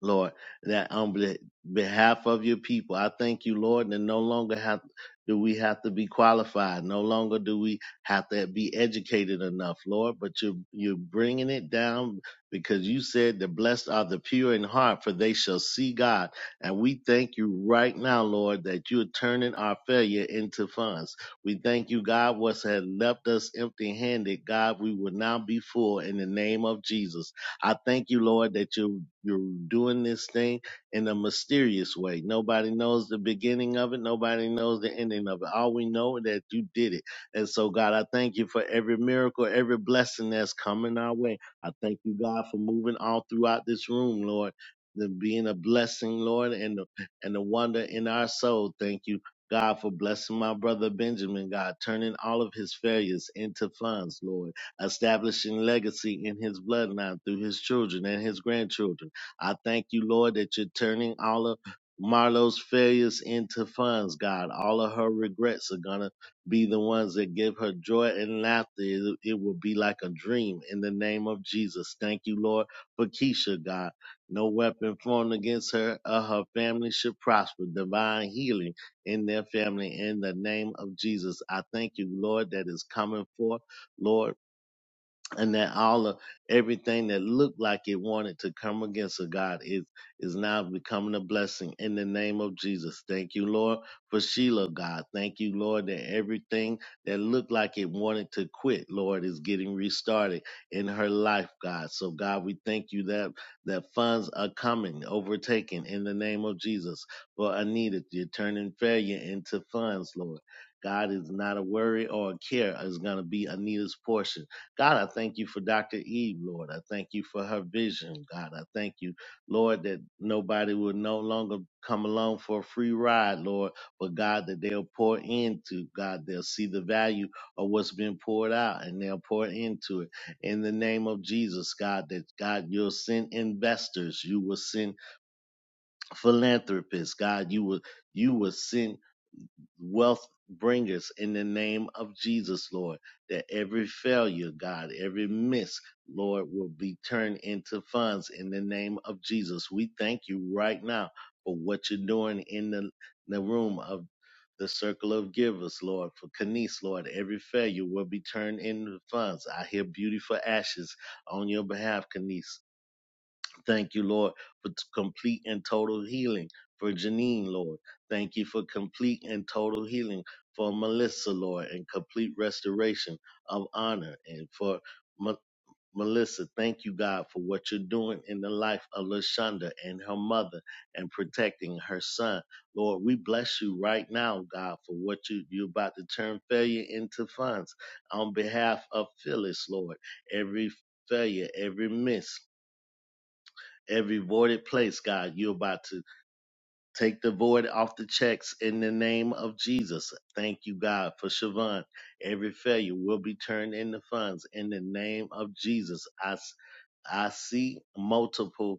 S6: Lord, that on be- behalf of your people, I thank you, Lord, that no longer have do we have to be qualified, no longer do we have to be educated enough, Lord, but you're you're bringing it down because you said the blessed are the pure in heart, for they shall see God. And we thank you right now, Lord, that you're turning our failure into funds. We thank you, God, what's had left us empty handed, God, we will now be full in the name of Jesus. I thank you, Lord, that you you're doing this thing in a mysterious way. Nobody knows the beginning of it. Nobody knows the ending of it. All we know is that you did it. And so, God, I thank you for every miracle, every blessing that's coming our way. I thank you, God, for moving all throughout this room, Lord. The being a blessing, Lord, and the, and the wonder in our soul. Thank you, God, for blessing my brother Benjamin, God, turning all of his failures into funds, Lord establishing legacy in his bloodline through his children and his grandchildren. I thank you, Lord, that you're turning all of Marlo's failures into funds, God. All of her regrets are going to be the ones that give her joy and laughter. It, it will be like a dream in the name of Jesus. Thank you, Lord, for Keisha, God. No weapon formed against her or her family should prosper. Divine healing in their family in the name of Jesus. I thank you, Lord, that is coming forth, Lord and that all of everything that looked like it wanted to come against a God is is now becoming a blessing in the name of Jesus. Thank you, Lord, for Sheila, God. Thank you, Lord, that everything that looked like it wanted to quit, Lord, is getting restarted in her life, God. So God, we thank you that that funds are coming, overtaken in the name of Jesus. For Anita, you're turning failure into funds, Lord. God is not a worry or a care is going to be Anita's portion God, I thank you for Dr. Eve, Lord. I thank you for her vision, God. I thank you, Lord, that nobody will no longer come along for a free ride, Lord, but God, that they'll pour into, God, they'll see the value of what's been poured out and they'll pour into it. In the name of Jesus, God, that God, you'll send investors, you will send philanthropists, God, you will you will send wealth bringers in the name of Jesus, Lord, that every failure, God, every miss, Lord, will be turned into funds in the name of Jesus. We thank you right now for what you're doing in the, the room of the circle of givers, Lord, for Kanice, Lord, every failure will be turned into funds. I hear beautiful ashes on your behalf, Kanice. Thank you, Lord, for t- complete and total healing for Janine, Lord. Thank you for complete and total healing for Melissa, Lord, and complete restoration of honor. And for M- Melissa, thank you, God, for what you're doing in the life of Lashonda and her mother and protecting her son. Lord, we bless you right now, God, for what you, you're about to turn failure into funds on behalf of Phyllis, Lord. Every failure, every miss every voided place, God. You're about to take the void off the checks in the name of Jesus. Thank you, God, for Siobhan. Every failure will be turned into funds in the name of Jesus. I, s- I see multiple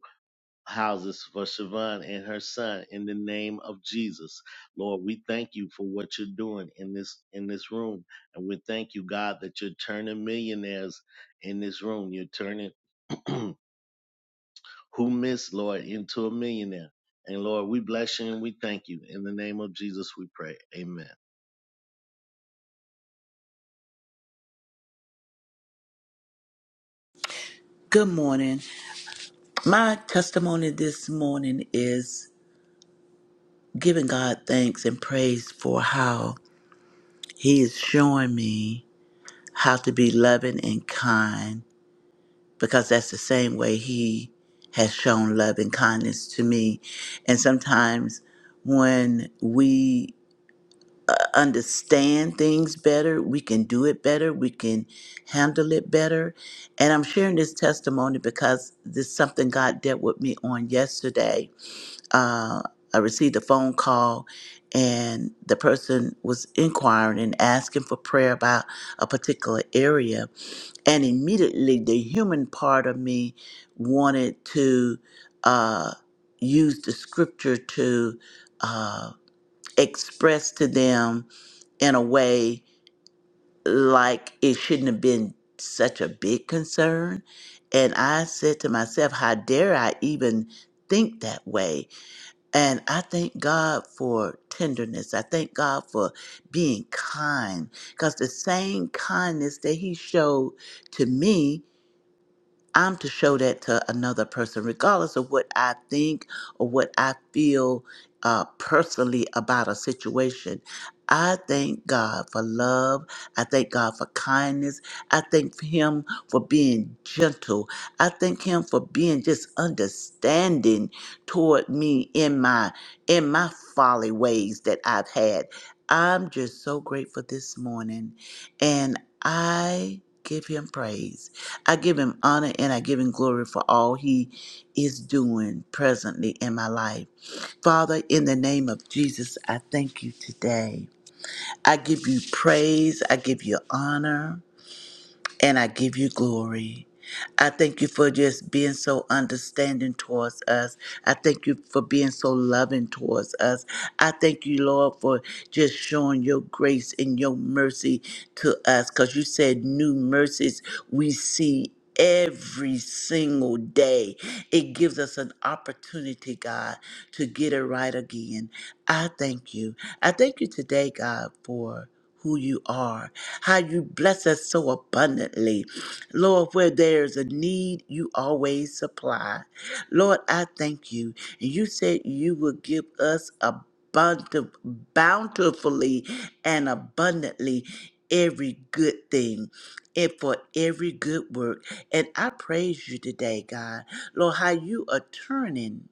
S6: houses for Siobhan and her son in the name of Jesus. Lord, we thank you for what you're doing in this in this room. And we thank you, God, that you're turning millionaires in this room. You're turning <clears throat> who missed, Lord, into a millionaire. And Lord, we bless you and we thank you. In the name of Jesus, we pray. Amen.
S1: Good morning. My testimony this morning is giving God thanks and praise for how He is showing me how to be loving and kind. because that's the same way he has shown love and kindness to me. And sometimes when we understand things better, we can do it better, we can handle it better. And I'm sharing this testimony because this is something God dealt with me on yesterday uh, I received a phone call, and the person was inquiring and asking for prayer about a particular area. And immediately, the human part of me wanted to uh, use the scripture to uh, express to them in a way like it shouldn't have been such a big concern. And I said to myself, how dare I even think that way? And I thank God for tenderness. I thank God for being kind because the same kindness that He showed to me, I'm to show that to another person, regardless of what I think or what I feel uh, personally about a situation. I thank God for love. I thank God for kindness. I thank Him for being gentle. I thank Him for being just understanding toward me in my in my folly ways that I've had. I'm just so grateful this morning, and I give Him praise. I give him honor and I give him glory for all he is doing presently in my life. Father, in the name of Jesus, I thank you today. I give you praise. I give you honor and I give you glory. I thank you for just being so understanding towards us. I thank you for being so loving towards us. I thank you, Lord, for just showing your grace and your mercy to us because you said new mercies we see every single day. It gives us an opportunity, God, to get it right again. I thank you. I thank you today, God, for who you are, how you bless us so abundantly. Lord, where there's a need, you always supply. Lord, I thank you. And you said you would give us abundant, bountifully and abundantly every good thing. And for every good work. And I praise you today, God. Lord, how you are turning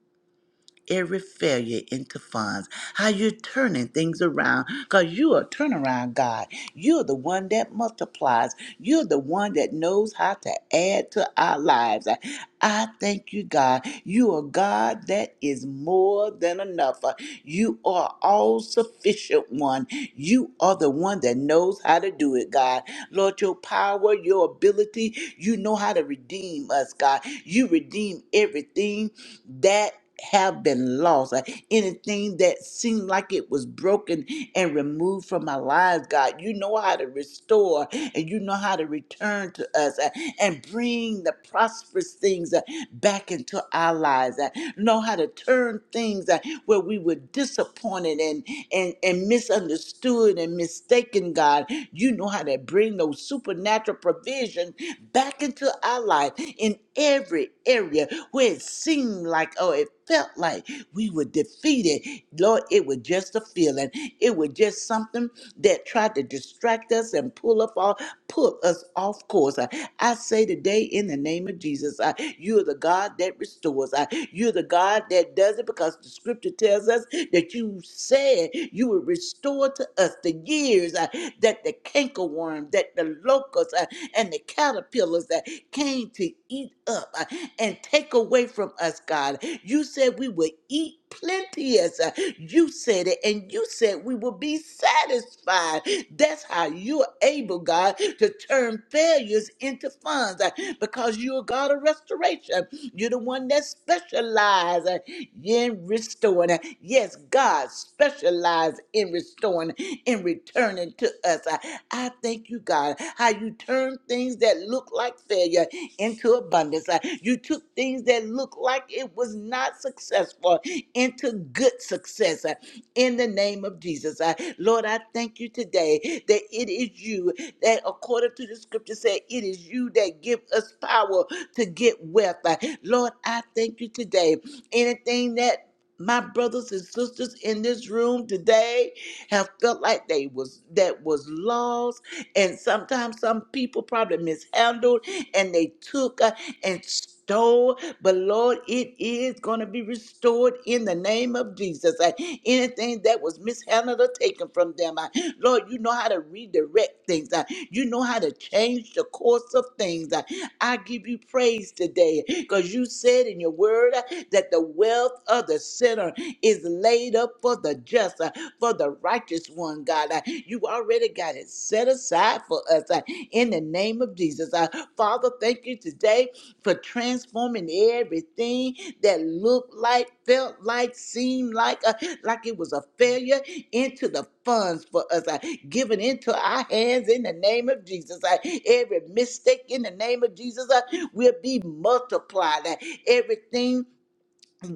S1: every failure into funds, how you're turning things around because you are turnaround God. You're the one that multiplies, you're the one that knows how to add to our lives. I, I thank you, God. You are God that is more than enough. Uh, You are all sufficient one. You are the one that knows how to do it, God. Lord, your power, your ability, you know how to redeem us, God. You redeem everything that have been lost, uh, anything that seemed like it was broken and removed from our lives, God. You know how to restore and you know how to return to us uh, and bring the prosperous things uh, back into our lives. Uh, know how to turn things uh, where we were disappointed and, and, and misunderstood and mistaken, God. You know how to bring those supernatural provisions back into our life in every every area where it seemed like, oh, it felt like we were defeated. Lord, it was just a feeling. It was just something that tried to distract us and pull up off, pull us off course. I, I say today in the name of Jesus, I, you're the God that restores. I, you're the God that does it because the scripture tells us that you said you would restore to us the years uh, that the cankerworm, that the locust, uh, and the caterpillars that came to eat up uh, and take away from us, God. You said we would eat plenteous. uh, You said it, and you said we will be satisfied. That's how you're able, God, to turn failures into funds uh, because you're God of restoration. You're the one that specializes in restoring. Uh, Yes, God specializes in restoring, in returning to us. Uh, I thank you, God, how you turn things that look like failure into abundance. Uh, You took things that looked like it was not successful into good success uh, in the name of Jesus. Uh, Lord, I thank you today that it is you that, according to the scripture, said it is you that give us power to get wealth. Uh, Lord, I thank you today. Anything that my brothers and sisters in this room today have felt like they was that was lost and sometimes some people probably mishandled and they took uh, and stole but lord it is going to be restored in the name of jesus Uh, anything that was mishandled or taken from them uh, lord you know how to redirect things uh, you know how to change the course of things uh, i give you praise today because you said in your word uh, that the wealth of the sinner is laid up for the just, uh, for the righteous one, God. Uh, You already got it set aside for us uh, in the name of Jesus. Uh, Father, thank you today for transforming everything that looked like, felt like, seemed like, uh, like it was a failure into the funds for us, uh, given into our hands in the name of Jesus. Uh, every mistake in the name of Jesus uh, will be multiplied. Uh, everything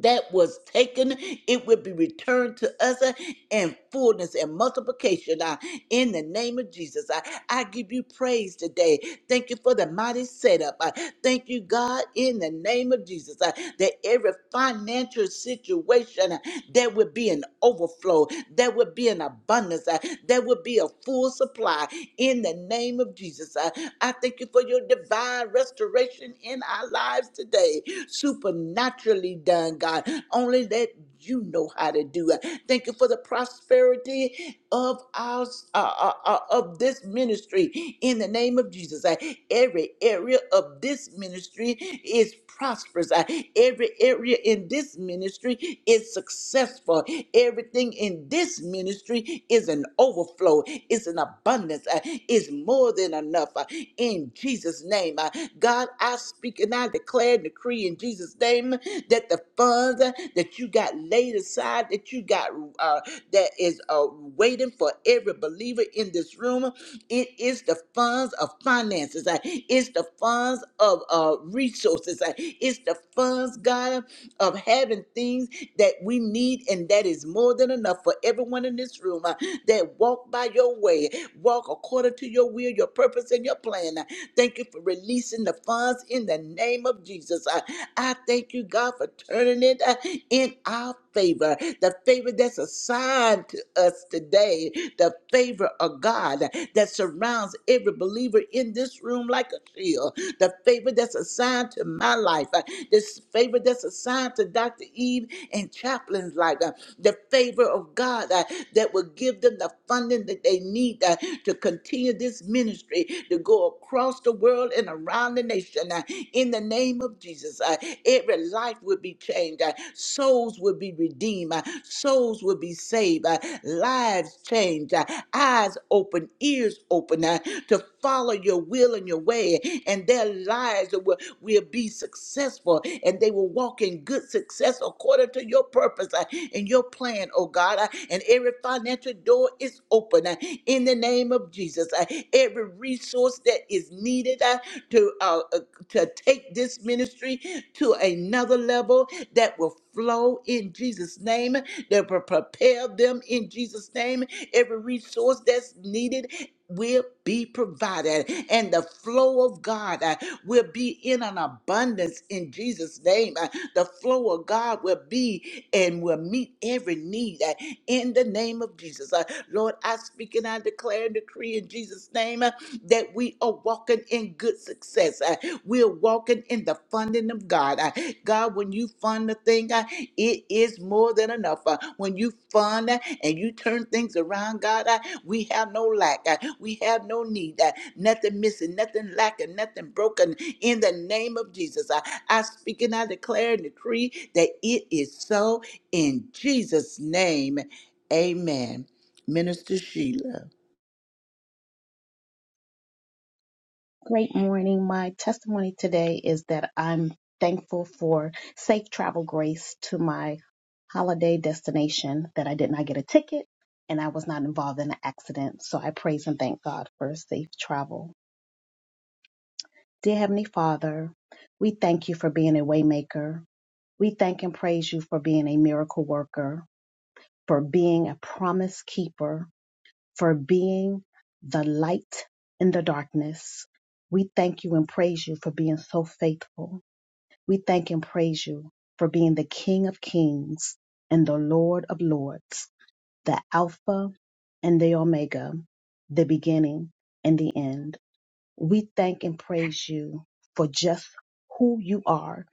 S1: that was taken, it will be returned to us uh, in fullness and multiplication. uh, In the name of Jesus, I, I give you praise today. Thank you for the mighty setup. I thank you, God, in the name of Jesus, uh, that every financial situation uh, there will be an overflow, there will be an abundance, uh, there will be a full supply. In the name of Jesus, I, I thank you for your divine restoration in our lives today supernaturally done, God. Only that you know how to do it. Thank you for the prosperity of our uh, uh, uh, of this ministry in the name of Jesus. Uh, Every area of this ministry is prosperous. Uh, Every area in this ministry is successful. Everything in this ministry is an overflow. It's an abundance. Uh, It's more than enough. Uh, In Jesus' name, uh, God, I speak speak and I declare and decree in Jesus' name that the funds that you got laid aside, that you got uh, that is uh, waiting for every believer in this room, it is the funds of finances. uh, It's the funds of uh, resources. uh, It's the funds, God, of having things that we need and that is more than enough for everyone in this room uh, that walk by your way, walk according to your will, your purpose, and your plan. Uh, Thank you for releasing the funds in the name of Jesus. I, I thank you, God, for turning it uh, in our favor. The favor that's assigned to us today, the favor of God that surrounds every believer in this room like a shield, the favor that's assigned to my life, uh, this favor that's assigned to Dr. Eve and Chaplain's life, uh, the favor of God uh, that will give them the funding that they need uh, to continue this ministry ministry to go across the world and around the nation uh, in the name of Jesus. uh, Every life would be changed, uh, souls would be redeemed, uh, souls would be saved, uh, lives changed, uh, eyes open, ears open uh, to follow your will and your way, and their lives will, will be successful and they will walk in good success according to your purpose uh, and your plan, oh God. uh, And every financial door is open uh, in the name name of Jesus. Uh, every resource that is needed uh, to uh, uh, to take this ministry to another level that will flow in Jesus' name, that will prepare them in Jesus' name. Every resource that's needed, will be provided and the flow of God uh, will be in an abundance in Jesus name Uh, the flow of God will be and will meet every need uh, in the name of Jesus Uh, Lord I speak and I declare and decree in Jesus name uh, that we are walking in good success Uh, we're walking in the funding blessing of God. Uh, God, when you fund the thing, uh, it is more than enough. Uh, When you fund uh, and you turn things around, God, uh, we have no lack. uh, We have no need. uh, Nothing missing, nothing lacking, nothing broken. In the name of Jesus, I, I speak and I declare and decree that it is so in Jesus' name. Amen. Minister Sheila.
S3: Great morning. My testimony today is that I'm thankful for safe travel grace to my holiday destination, that I did not get a ticket and I was not involved in an accident. So I praise and thank God for safe travel. Dear Heavenly Father, we thank you for being a waymaker. We thank and praise you for being a miracle worker, for being a promise keeper, for being the light in the darkness. We thank you and praise you for being so faithful. We thank and praise you for being the King of Kings and the Lord of Lords, the Alpha and the Omega, the beginning and the end. We thank and praise you for just who you are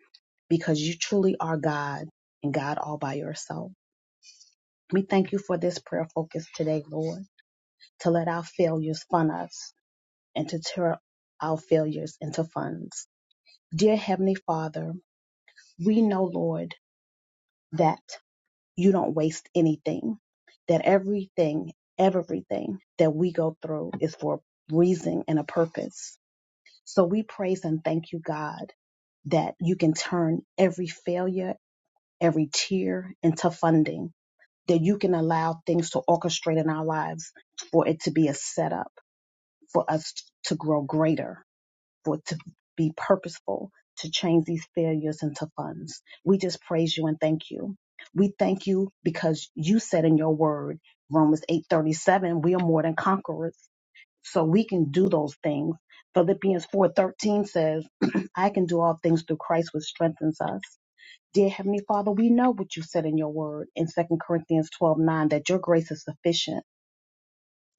S3: because you truly are God and God all by yourself. We thank you for this prayer focus today, Lord, to let our failures fund us and to turn our failures into funds. Dear Heavenly Father, we know, Lord, that you don't waste anything, that everything, everything that we go through is for a reason and a purpose. So we praise and thank you, God, that you can turn every failure, every tear into funding, that you can allow things to orchestrate in our lives for it to be a setup for us to grow greater for to be purposeful to change these failures into funds. We just praise you and thank you. We thank you because you said in your word, Romans 8:37, we are more than conquerors, so we can do those things. Philippians 4:13 says, <clears throat> I can do all things through Christ which strengthens us. Dear Heavenly Father, we know what you said in your word in Second Corinthians 12:9 that your grace is sufficient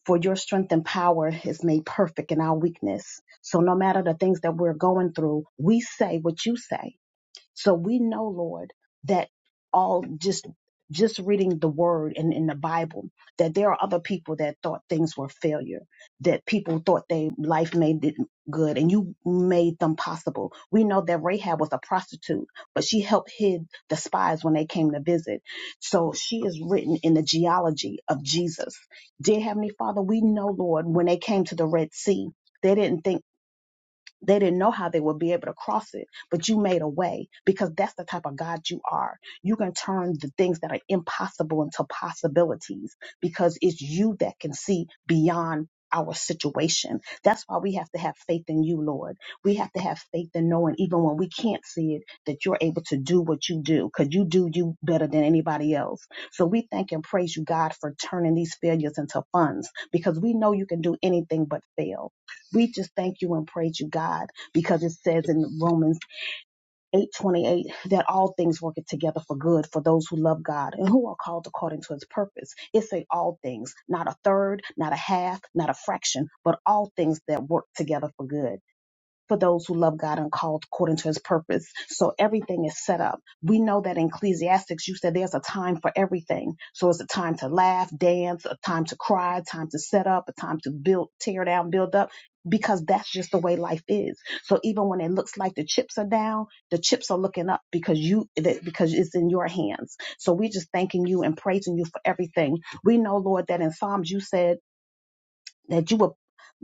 S3: for your strength and power is made perfect in our weakness. So no matter the things that we're going through, we say what you say. So we know, Lord, that all just just reading the word and in the Bible, that there are other people that thought things were failure, that people thought they life made it good and you made them possible. We know that Rahab was a prostitute, but she helped hid the spies when they came to visit. So she is written in the genealogy of Jesus. Dear Heavenly Father, we know, Lord, when they came to the Red Sea, they didn't think they didn't know how they would be able to cross it, but you made a way because that's the type of God you are. You can turn the things that are impossible into possibilities because it's you that can see beyond our situation. That's why we have to have faith in you, Lord. We have to have faith in knowing, even when we can't see it, that you're able to do what you do because you do you better than anybody else. So we thank and praise you, God, for turning these failures into funds because we know you can do anything but fail. We just thank you and praise you, God, because it says in Romans 8:28 that all things work together for good for those who love God and who are called according to his purpose. It says all things, not a third, not a half, not a fraction, but all things that work together for good for those who love God and called according to his purpose. So everything is set up. We know that in Ecclesiastics, you said there's a time for everything. So it's a time to laugh, dance, a time to cry, a time to set up, a time to build, tear down, build up, because that's just the way life is. So even when it looks like the chips are down, the chips are looking up because you, because it's in your hands. So we are just thanking you and praising you for everything. We know, Lord, that in Psalms you said, that you would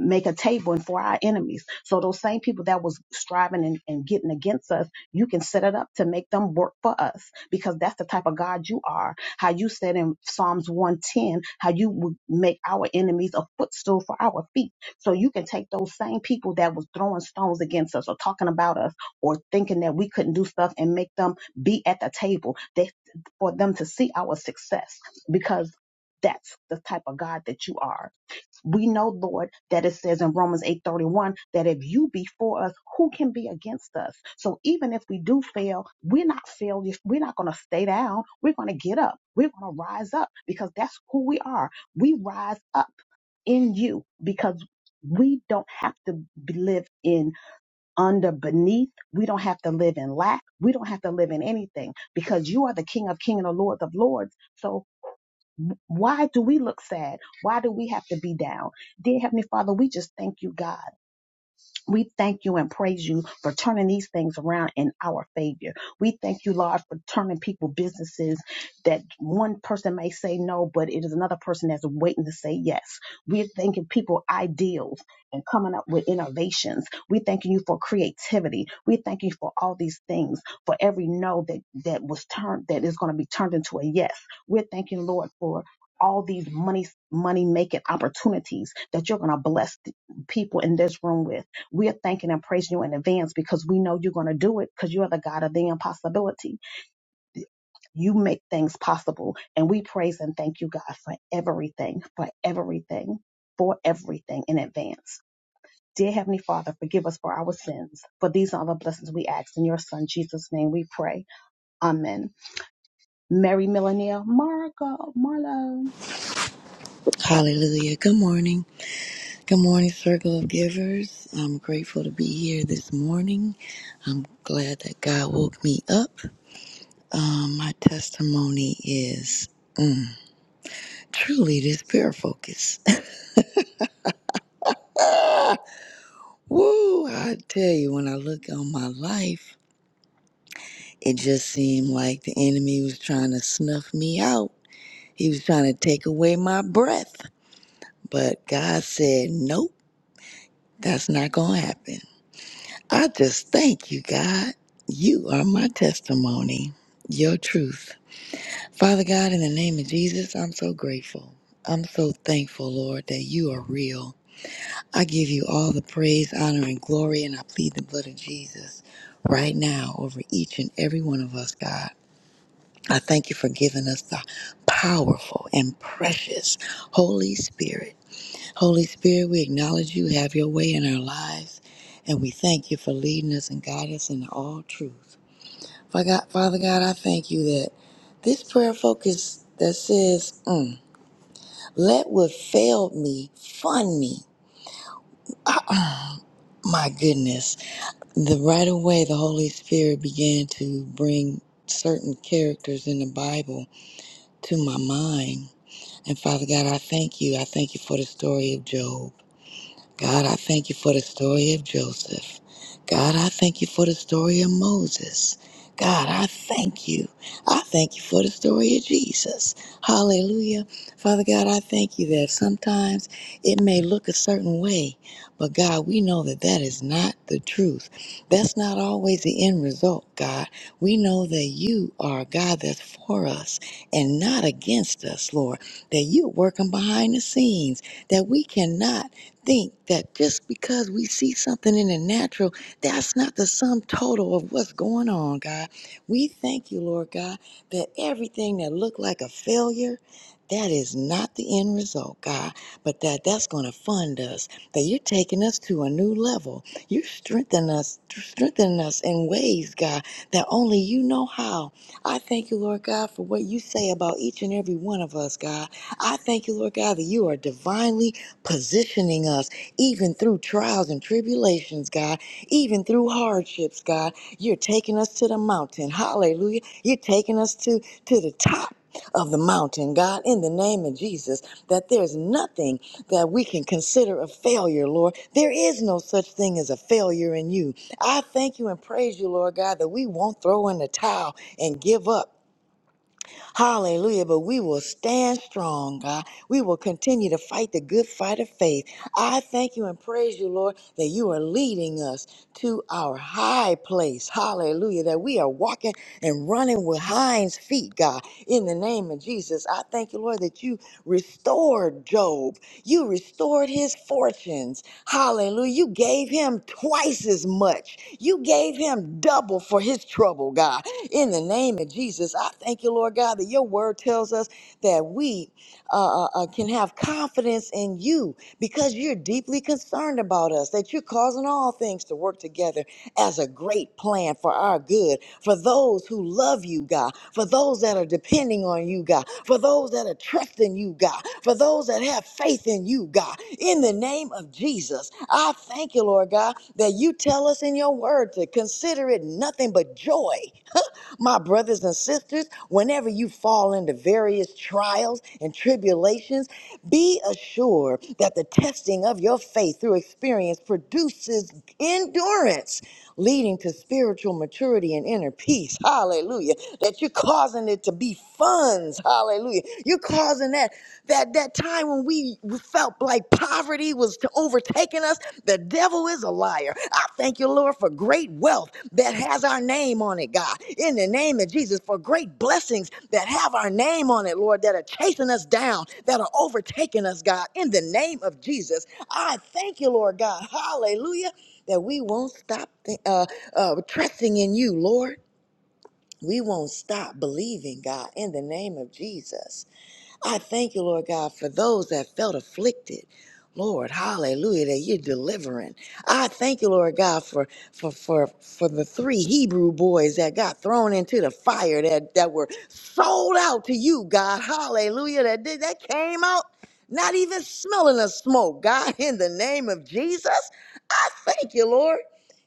S3: make a table and for our enemies. So those same people that was striving and, and getting against us, you can set it up to make them work for us because that's the type of God you are. How you said in Psalms 110, how you would make our enemies a footstool for our feet. So you can take those same people that was throwing stones against us or talking about us or thinking that we couldn't do stuff and make them be at the table they, for them to see our success because that's the type of God that you are. We know, Lord, that it says in Romans 8:31 that if you be for us, who can be against us? So even if we do fail, we're not failures. We're not going to stay down. We're going to get up. We're going to rise up because that's who we are. We rise up in you because we don't have to be- live in under beneath. We don't have to live in lack. We don't have to live in anything because you are the King of Kings and the Lord of Lords. So why do we look sad? Why do we have to be down? Dear Heavenly Father, we just thank you, God. We thank you and praise you for turning these things around in our favor. We thank you, Lord, for turning people businesses that one person may say no, but it is another person that's waiting to say yes. We're thanking people ideals and coming up with innovations. We thanking you for creativity. We thank you for all these things, for every no that that was turned that is going to be turned into a yes. We're thanking Lord for all these money money making opportunities that you're going to bless people in this room with. We're thanking and praising you in advance because we know you're going to do it because you are the God of the impossibility. You make things possible. And we praise and thank you, God, for everything, for everything, for everything in advance. Dear Heavenly Father, forgive us for our sins. For these are the blessings we ask. In your Son, Jesus' name, we pray. Amen. Mary Millenia, Margo, Marlo.
S7: Hallelujah. Good morning. Good morning, Circle of Givers. I'm grateful to be here this morning. I'm glad that God woke me up. Um, my testimony is mm, truly this prayer focus. <laughs> Woo! I tell you, when I look on my life, it just seemed like the enemy was trying to snuff me out. He was trying to take away my breath. But God said, nope, that's not going to happen. I just thank you, God. You are my testimony, your truth. Father God, in the name of Jesus, I'm so grateful. I'm so thankful, Lord, that you are real. I give you all the praise, honor, and glory, and I plead the blood of Jesus right now over each and every one of us, God. I thank you for giving us the powerful and precious Holy Spirit Holy Spirit, we acknowledge you have your way in our lives, and we thank you for leading us and guiding us in all truth. Fa- God- Father God, I thank you that this prayer focus that says, mm, let what failed me fund me. Uh-uh. My goodness. The right away the Holy Spirit began to bring certain characters in the Bible to my mind. And Father God, I thank you. I thank you for the story of Job. God, I thank you for the story of Joseph. God, I thank you for the story of Moses. God, I thank you. I thank you for the story of Jesus. Hallelujah. Father God, I thank you that sometimes it may look a certain way, but God, we know that that is not the truth. That's not always the end result, God. We know that you are a God that's for us and not against us, Lord, that you're working behind the scenes, that we cannot think that just because we see something in the natural, that's not the sum total of what's going on, God. We thank you, Lord God, that everything that looked like a failure, that is not the end result, God, but that that's going to fund us, that you're taking us to a new level. You're strengthening us, strengthening us in ways, God, that only you know how. I thank you, Lord God, for what you say about each and every one of us, God. I thank you, Lord God, that you are divinely positioning us even through trials and tribulations, God, even through hardships, God. You're taking us to the mountain. Hallelujah. You're taking us to, to the top. Of the mountain, God, in the name of Jesus, that there's nothing that we can consider a failure, Lord. There is no such thing as a failure in you. I thank you and praise you, Lord God, that we won't throw in the towel and give up Hallelujah. But we will stand strong, God. We will continue to fight the good fight of faith. I thank you and praise you, Lord, that you are leading us to our high place. Hallelujah. That we are walking and running with hinds feet, God. In the name of Jesus, I thank you, Lord, that you restored Job. You restored his fortunes. Hallelujah. You gave him twice as much. You gave him double for his trouble, God. In the name of Jesus, I thank you, Lord God, that your word tells us that we uh, uh, uh, can have confidence in you because you're deeply concerned about us, that you're causing all things to work together as a great plan for our good, for those who love you, God, for those that are depending on you, God, for those that are trusting you, God, for those that have faith in you, God. In the name of Jesus, I thank you, Lord God, that you tell us in your word to consider it nothing but joy my brothers and sisters, whenever you fall into various trials and tribulations, be assured that the testing of your faith through experience produces endurance, leading to spiritual maturity and inner peace. Hallelujah. That you're causing it to be funds. Hallelujah. You're causing that. that that time when we felt like poverty was overtaking us, the devil is a liar. I thank you, Lord, for great wealth that has our name on it, God. In the name of Jesus, for great blessings that have our name on it, Lord, that are chasing us down, that are overtaking us, God. In the name of Jesus, I thank you, Lord God. Hallelujah. That we won't stop th- uh, uh, trusting in you, Lord. We won't stop believing, God, in the name of Jesus. I thank you, Lord God, for those that felt afflicted. Lord, hallelujah, that you're delivering. I thank you, Lord God, for for for for the three Hebrew boys that got thrown into the fire that that were sold out to you, God. Hallelujah. That did that came out not even smelling of smoke, God, <laughs> in the name of Jesus. <laughs> Thank you, Lord.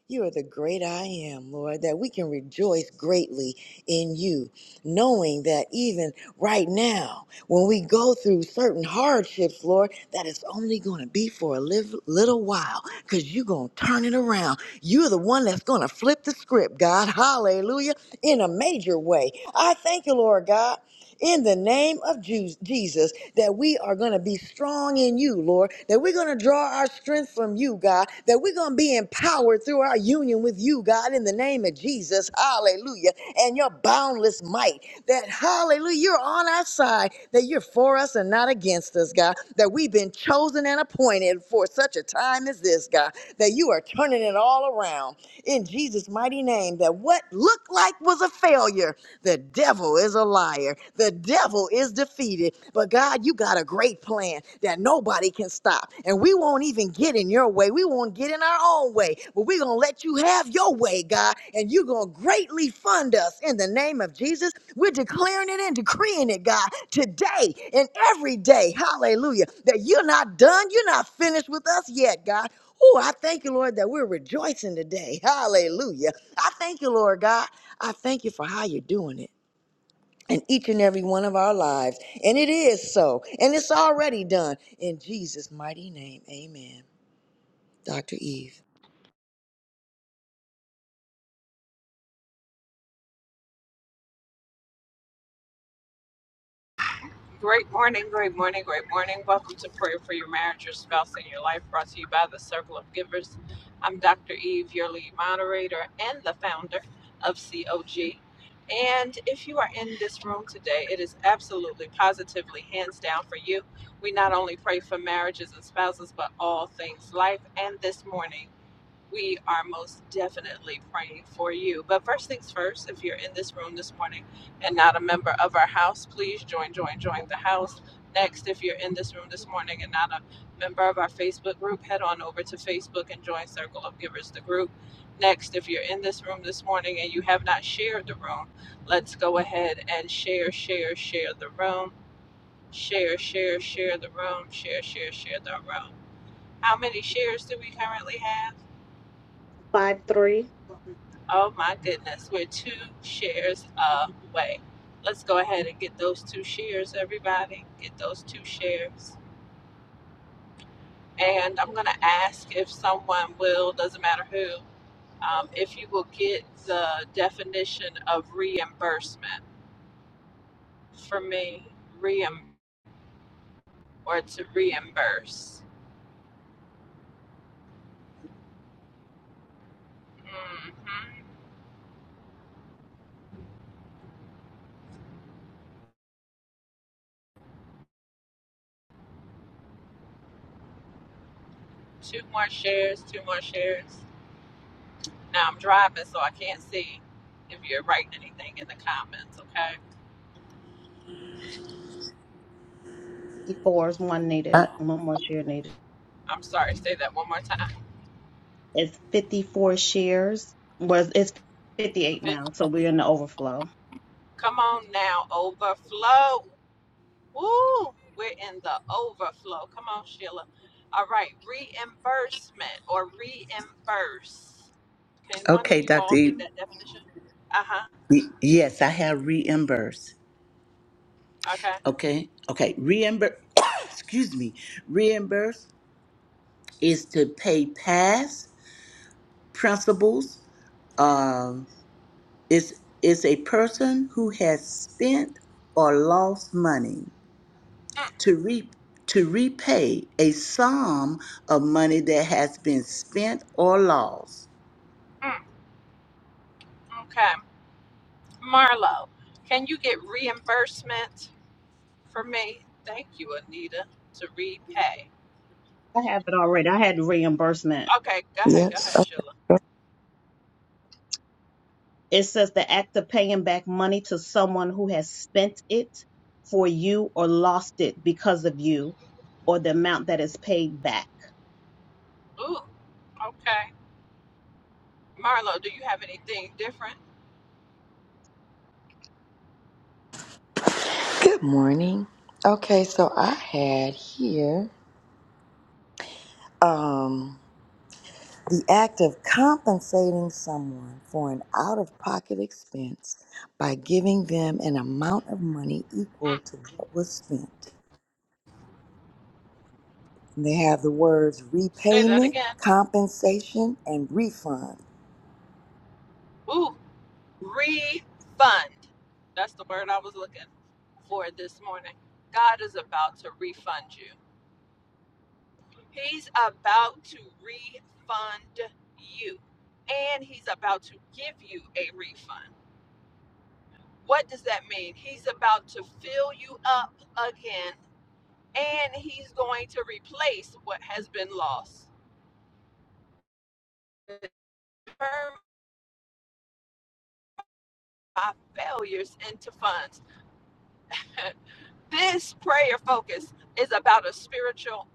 S7: You are the great I am, Lord, that we can rejoice greatly in you, knowing that even right now, when we go through certain hardships, Lord, that it's only going to be for a liv- little while because you're going to turn it around. You're the one that's going to flip the script, God. Hallelujah. In a major way. I thank you, Lord God. In the name of Ju- Jesus, that we are going to be strong in you, Lord, that we're going to draw our strength from you, God, that we're going to be empowered through our union with you, God, in the name of Jesus. Hallelujah. And your boundless might, that hallelujah, you're on our side, that you're for us and not against us, God, that we've been chosen and appointed for such a time as this, God, that you are turning it all around in Jesus' mighty name that what looked like was a failure, the devil is a liar. The devil is defeated. But God, you got a great plan that nobody can stop. And we won't even get in your way. We won't get in our own way. But we're going to let you have your way, God. And you're going to greatly fund us in the name of Jesus. We're declaring it and decreeing it, God, today and every day. Hallelujah. That you're not done. You're not finished with us yet, God. Oh, I thank you, Lord, that we're rejoicing today. <laughs> Hallelujah. I thank you, Lord God. I thank you for how you're doing it in each and every one of our lives. And it is so. And it's already done. In Jesus' mighty name, amen. Dr. Eve.
S2: Great morning, great morning, great morning. Welcome to Prayer for Your Marriage, Your Spouse, and Your Life, brought to you by the Circle of Givers. I'm Dr. Eve, your lead moderator and the founder of COG. And if you are in this room today, it is absolutely, positively, hands down for you. We not only pray for marriages and spouses, but all things life. And this morning, we are most definitely praying for you. But first things first, if you're in this room this morning and not a member of our house, please join, join, join the house. Next, if you're in this room this morning and not a member of our Facebook group, head on over to Facebook and join Circle of Givers, the group. Next, if you're in this room this morning and you have not shared the room, let's go ahead and share, share, share the room. Share, share, share the room. Share, share, share the room. How many shares do we currently have?
S3: 5 3.
S2: Oh my goodness, we're two shares away. Let's go ahead and get those two shares, everybody. Get those two shares. And I'm going to ask if someone will, doesn't matter who, um, if you will get the definition of reimbursement. For me, reim or to reimburse. hmm Two more shares, two more shares. Now I'm driving, so I can't see if you're writing anything in the comments, okay?
S3: 54 is one needed, one more share needed.
S2: I'm sorry, say that one more time.
S3: It's 54 shares. Was it's 58
S2: Fif-
S3: now, so we're in the overflow.
S2: Come on now, overflow. Woo! We're in the overflow. Come on, Sheila. All right, reimbursement or reimburse. Can one of
S1: Okay,
S2: you
S1: Dr.
S2: all
S1: E.
S2: get that definition? Uh huh.
S1: Yes, I have reimbursed.
S2: Okay.
S1: Okay. Okay. Reimburse. <coughs> excuse me. Reimburse is to pay past principals. Um, is is a person who has spent or lost money
S2: Mm,
S1: to re to repay a sum of money that has been spent or lost.
S2: mm, Okay. Marlo, can you get reimbursement for me? Thank you, Anita, to repay.
S3: I have it already. I had reimbursement.
S2: Okay, go ahead, go
S7: Yes.
S2: ahead,
S7: Uh,
S2: Sheila.
S3: It says the act of paying back money to someone who has spent it for you or lost it because of you, or the amount that is paid back.
S2: Ooh, okay. Marlo, do you have anything different?
S7: Good morning. Okay, so I had here um the act of compensating someone for an out-of-pocket expense by giving them an amount of money equal
S2: Mm,
S7: to what was spent. And they have the words
S2: say that
S7: repayment,
S2: again.
S7: compensation, and refund.
S2: Ooh. refund. That's the word I was looking for this morning. God is about to refund you. He's about to refund you. And he's about to give you a refund. What does that mean? He's about to fill you up again and he's going to replace what has been lost. Turn my failures into funds. <laughs> This prayer focus is about a spiritual,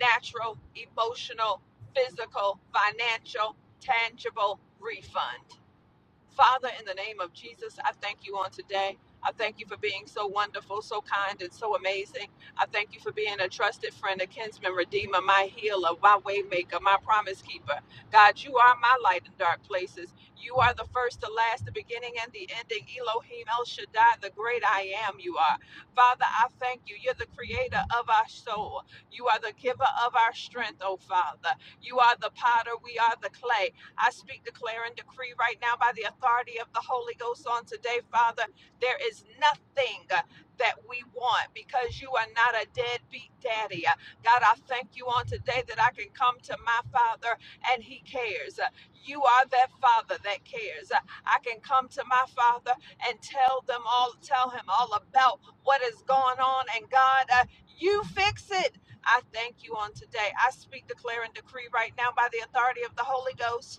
S2: natural, emotional, physical, financial, tangible refund. Father, in the name of Jesus, I thank you on today. I thank you for being so wonderful, so kind, and so amazing. I thank you for being a trusted friend, a kinsman, redeemer, my healer, my waymaker, my promise keeper. God, you are my light in dark places. You are the first, the last, the beginning, and the ending. Elohim El Shaddai, the great I am, you are. Father, I thank you. You're the creator of our soul. You are the giver of our strength, oh Father. You are the potter. We are the clay. I speak, declare, and decree right now by the authority of the Holy Ghost on today, Father. There is nothing uh, that we want because you are not a deadbeat daddy. Uh, God, I thank you on today that I can come to my Father and He cares. Uh, You are that Father that cares. Uh, I can come to my Father and tell them all, tell Him all about what is going on. And God, uh, you fix it. I thank you on today. I speak, declare, and decree right now by the authority of the Holy Ghost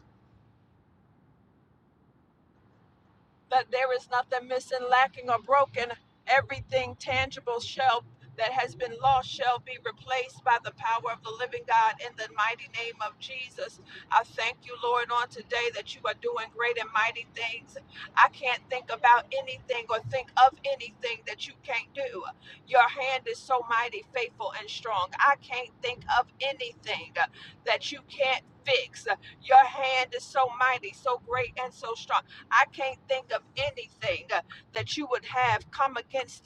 S2: that there is nothing missing, lacking, or broken. Everything tangible shall that has been lost shall be replaced by the power of the living God in the mighty name of Jesus. I thank you, Lord, on today that you are doing great and mighty things. I can't think about anything or think of anything that you can't do. Your hand is so mighty, faithful, and strong. I can't think of anything that you can't fix. Your hand is so mighty, so great, and so strong. I can't think of anything uh, that you would have come against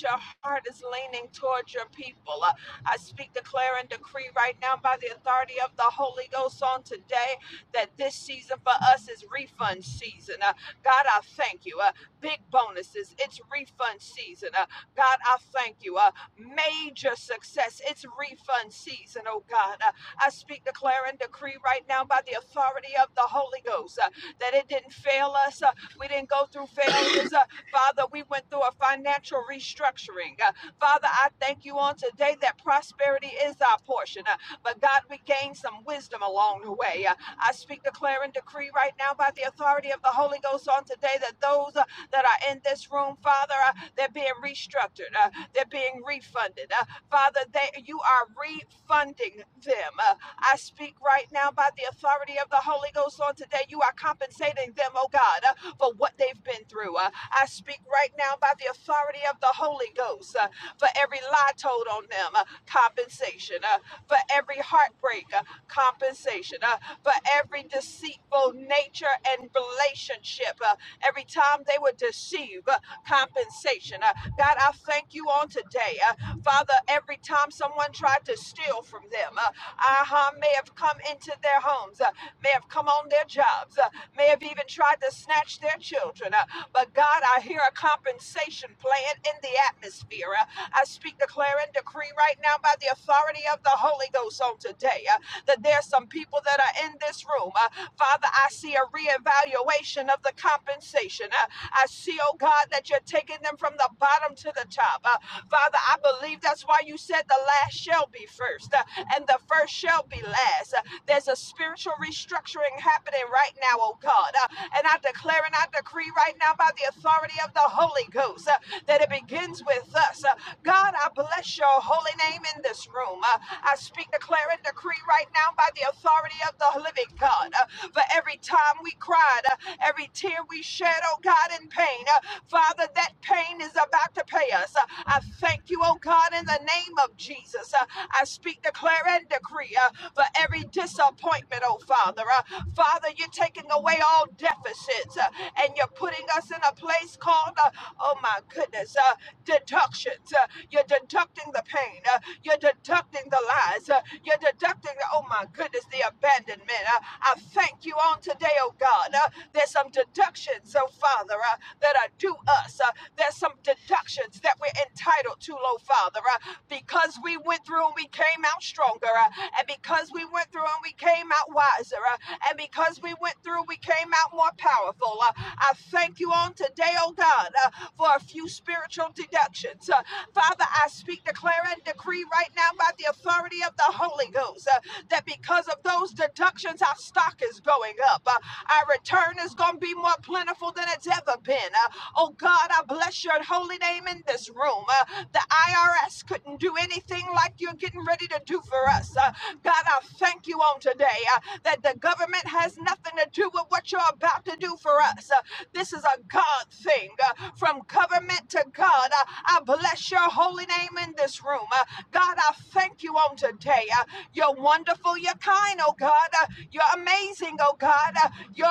S2: your heart is leaning towards your people. Uh, I speak, declare, and decree right now by the authority of the Holy Ghost on today that this season for us is refund season. Uh, God, I thank you. Uh, big bonuses, it's refund season. Uh, God, I thank you. Uh, major success, it's refund season, oh God. Uh, I speak, declare, and decree right now by the authority of the Holy Ghost uh, that it didn't fail us, uh, we didn't go through failures. Uh, Father, we went through a financial restructuring. Uh, Father, I thank you on today that prosperity is our portion. Uh, but God, we gained some wisdom along the way. Uh, I speak, declare, and decree right now by the authority of the Holy Ghost on today that those uh, that are in this room, Father. Uh, they're being restructured, uh, they're being refunded. Uh, Father, they, you are refunding them. Uh, I speak right now by the authority of the Holy Ghost on today. You are compensating them, oh God, uh, for what they've been through. Uh, I speak right now by the authority of the Holy Ghost uh, for every lie told on them, uh, compensation, uh, for every heartbreak, uh, compensation, uh, for every deceitful nature and relationship hardship, uh, every time they would deceive, uh, compensation. Uh, God, I thank you on today. Uh, Father, every time someone tried to steal from them, uh, aha, may have come into their homes, uh, may have come on their jobs, uh, may have even tried to snatch their children. uh, but God, I hear a compensation plan in the atmosphere. Uh, I speak, declare, and decree right now by the authority of the Holy Ghost on today uh, that there's some people that are in this room. Uh, Father, I see see a reevaluation of the compensation. Uh, I see, oh God, that you're taking them from the bottom to the top. Uh, Father, I believe that's why you said the last shall be first uh, and the first shall be last. Uh, there's a spiritual restructuring happening right now, oh God. Uh, and I declare and I decree right now by the authority of the Holy Ghost uh, that it begins with us. Uh, God, I bless your holy name in this room. Uh, I speak, declare, and decree right now by the authority of the living living God. Uh, For every time we cried, uh, every tear we shed, oh God, in pain, uh, Father, that pain is about to pay us. Uh, I thank you, oh God, in the name of Jesus. Uh, I speak, declare, and decree uh, for every disappointment, oh Father. Uh, Father, you're taking away all deficits uh, and you're putting us in a place called, uh, oh my goodness, uh, deductions. Uh, you're deducting the pain. Uh, you're deducting the lies. Uh, you're deducting. oh oh my goodness, the abandonment. Uh, I thank you on today, oh God. Uh, there's some deductions, oh Father, uh, that are due us. Uh, there's some deductions that we're entitled to, oh Father, uh, because we went through and we came out stronger, uh, and because we went through and we came out wiser, uh, and because we went through, we came out more powerful. Uh, I thank you on today, oh God, uh, for a few spiritual deductions. Uh, Father, I speak, declare, and decree right now by the authority authority of the Holy Ghost uh, that because of those deductions, our stock is going up. Uh, our return is going to be more plentiful than it's ever been. Uh, oh God, I bless your holy name in this room. Uh, the IRS couldn't do anything like you're getting ready to do for us. Uh, God, I thank you on today uh, that the government has nothing to do with what you're about to do for us. Uh, this is a God thing. uh, from government to God, Uh, I bless your holy name in this room. Uh, God, I thank you on today. Uh, You're wonderful. You're kind, oh God. Uh, You're amazing, oh God. Uh, You're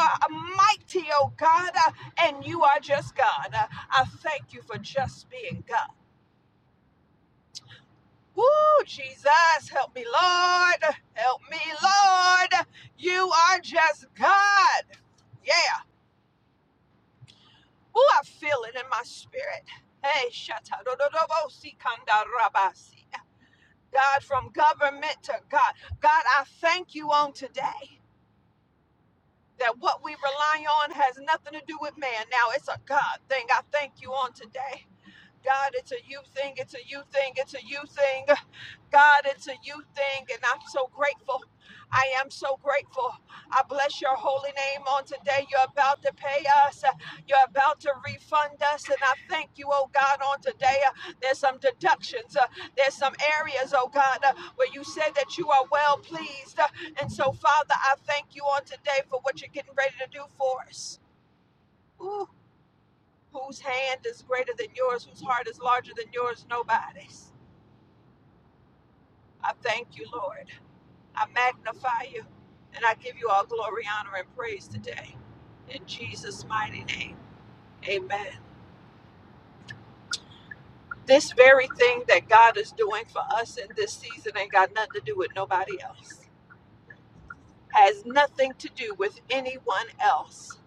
S2: mighty, oh God. Uh, And you are just God. Uh, I thank you for just being God. Woo, Jesus, help me, Lord. Help me, Lord. You are just God. Yeah. Woo, I feel it in my spirit. Hey, shatadododobosi kandarabasi. God, from government to God. God, I thank you on today. that what we rely on has nothing to do with man. Now it's a God thing. I thank you on today. God, it's a you thing. It's a you thing. It's a you thing. God, it's a you thing, and I'm so grateful. I am so grateful. I bless your holy name on today. You're about to pay us, Uh, you're about to refund us, and I thank you, oh God, on today. Uh, There's some deductions, Uh, there's some areas, oh God, uh, where you said that you are well pleased. Uh, And so, Father, I thank you on today for what you're getting ready to do for us. Ooh, whose hand is greater than yours, whose heart is larger than yours? Nobody's. I thank you, Lord. I magnify you and I give you all glory, honor, and praise today. In Jesus' mighty name, amen. This very thing that God is doing for us in this season ain't got nothing to do with nobody else, has nothing to do with anyone else.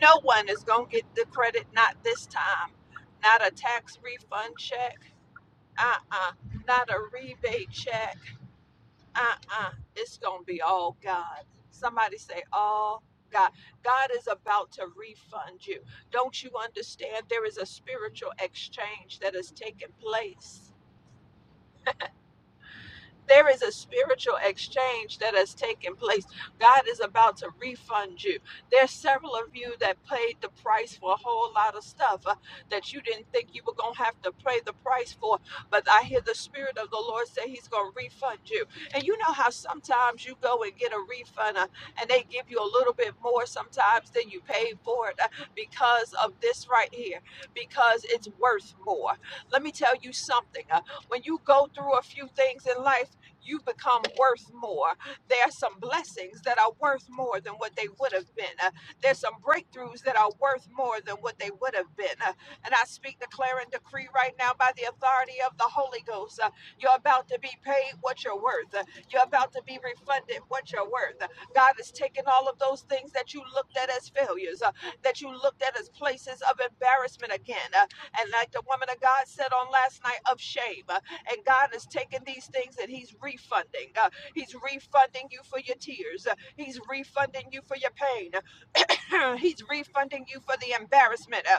S2: No one is going to get the credit, not this time. Not a tax refund check, uh uh, not a rebate check uh-uh it's gonna be all god somebody say all god god is about to refund you don't you understand there is a spiritual exchange that has taken place there is a spiritual exchange that has taken place. God is about to refund you. There's several of you that paid the price for a whole lot of stuff uh, that you didn't think you were going to have to pay the price for, but I hear the Spirit of the Lord say He's going to refund you. And you know how sometimes you go and get a refund uh, and they give you a little bit more sometimes than you paid for it uh, because of this right here, because it's worth more. Let me tell you something. uh, when you go through a few things in life, you've become worth more. There are some blessings that are worth more than what they would have been. Uh, there's some breakthroughs that are worth more than what they would have been. Uh, and I speak, declare, and decree right now by the authority of the Holy Ghost. uh, you're about to be paid what you're worth. Uh, you're about to be refunded what you're worth. Uh, God is taking all of those things that you looked at as failures, uh, that you looked at as places of embarrassment again. uh, and like the woman of God said on last night, of shame. Uh, and God is taking these things and He's refunding. Uh, he's refunding you for your tears. Uh, he's refunding you for your pain. <coughs> <clears throat> He's refunding you for the embarrassment. Uh,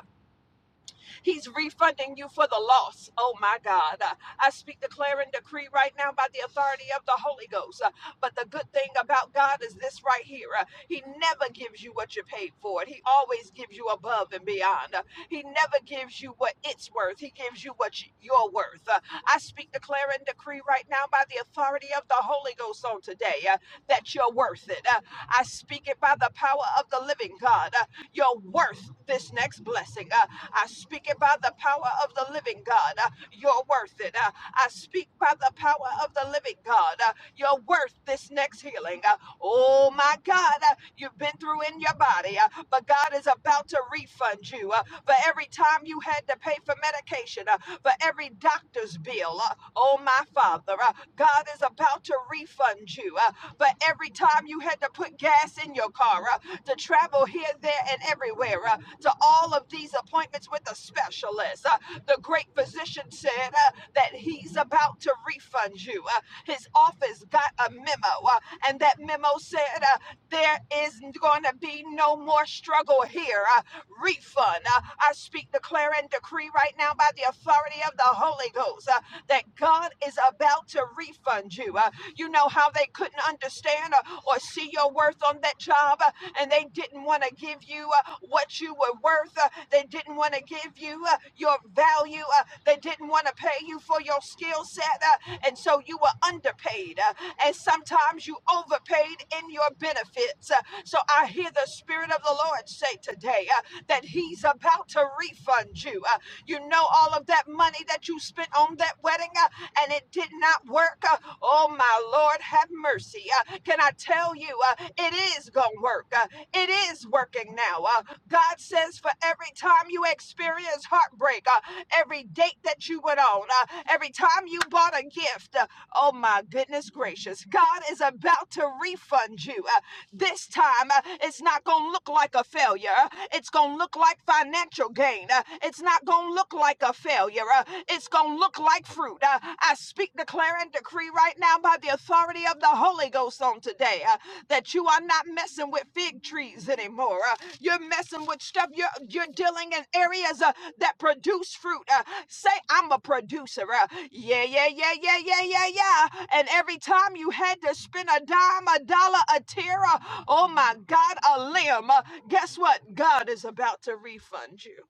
S2: He's refunding you for the loss. Oh my God. Uh, I speak, declare, and decree right now by the authority of the Holy Ghost. Uh, But the good thing about God is this right here Uh, He never gives you what you paid for He always gives you above and beyond. Uh, He never gives you what it's worth, He gives you what you, you're worth. Uh, I speak, declare, and decree right now by the authority of the Holy Ghost on today uh, that you're worth it. Uh, I speak it by the power of the living God. Uh, you're worth this next blessing. Uh, I speak it by the power of the living God. Uh, You're worth it. Uh, I speak by the power of the living God. Uh, You're worth this next healing. Uh, Oh my God, uh, you've been through in your body, uh, but God is about to refund you uh, for every time you had to pay for medication, uh, for every doctor's bill. Uh, Oh my Father, uh, God is about to refund you. uh, for but every time you had to put gas in your car uh, to travel here, there, and everywhere uh, to all of these appointments with a specialist. Uh, the great physician said uh, that he's about to refund you. Uh, his office got a memo, uh, and that memo said uh, there is going to be no more struggle here. Uh, refund. Uh, I speak, declare, and decree right now by the authority of the Holy Ghost uh, that God is about to refund you. Uh, you know how they couldn't understand uh, or see your worth on that job, uh, and they didn't want to give you uh, what you were worth. Uh, they didn't want to give you uh, your value. Uh, they didn't want to pay you for your skill set, uh, and so you were underpaid underpaid, uh, and sometimes you overpaid in your benefits. Uh, So I hear the Spirit of the Lord say today uh, that He's about to refund you. Uh, You know, all of that money that you spent on that wedding uh, and it did not work. uh, Oh, my Lord, have mercy. Uh, Can I tell you, uh, it is going to work. Uh, It is working now. Uh, God says, for every time you experience heartbreak, uh, every date that you went on, uh, every time you bought a gift. uh, oh my goodness gracious. God is about to refund you. Uh, this time, uh, it's not going to look like a failure. Uh, It's going to look like financial gain. Uh, it's not going to look like a failure. Uh, it's going to look like fruit. Uh, I speak, declare, and decree right now by the authority authority of the Holy Ghost on today uh, that you are not messing with fig trees anymore. uh, you're messing with stuff. You're, you're dealing in areas uh, that produce fruit. uh, say, I'm a producer. uh, yeah, yeah, yeah, yeah, yeah, yeah, yeah. And every time you had to spend a dime, a dollar, a tear, uh, oh my God, a limb, uh, guess what? God is about to refund you.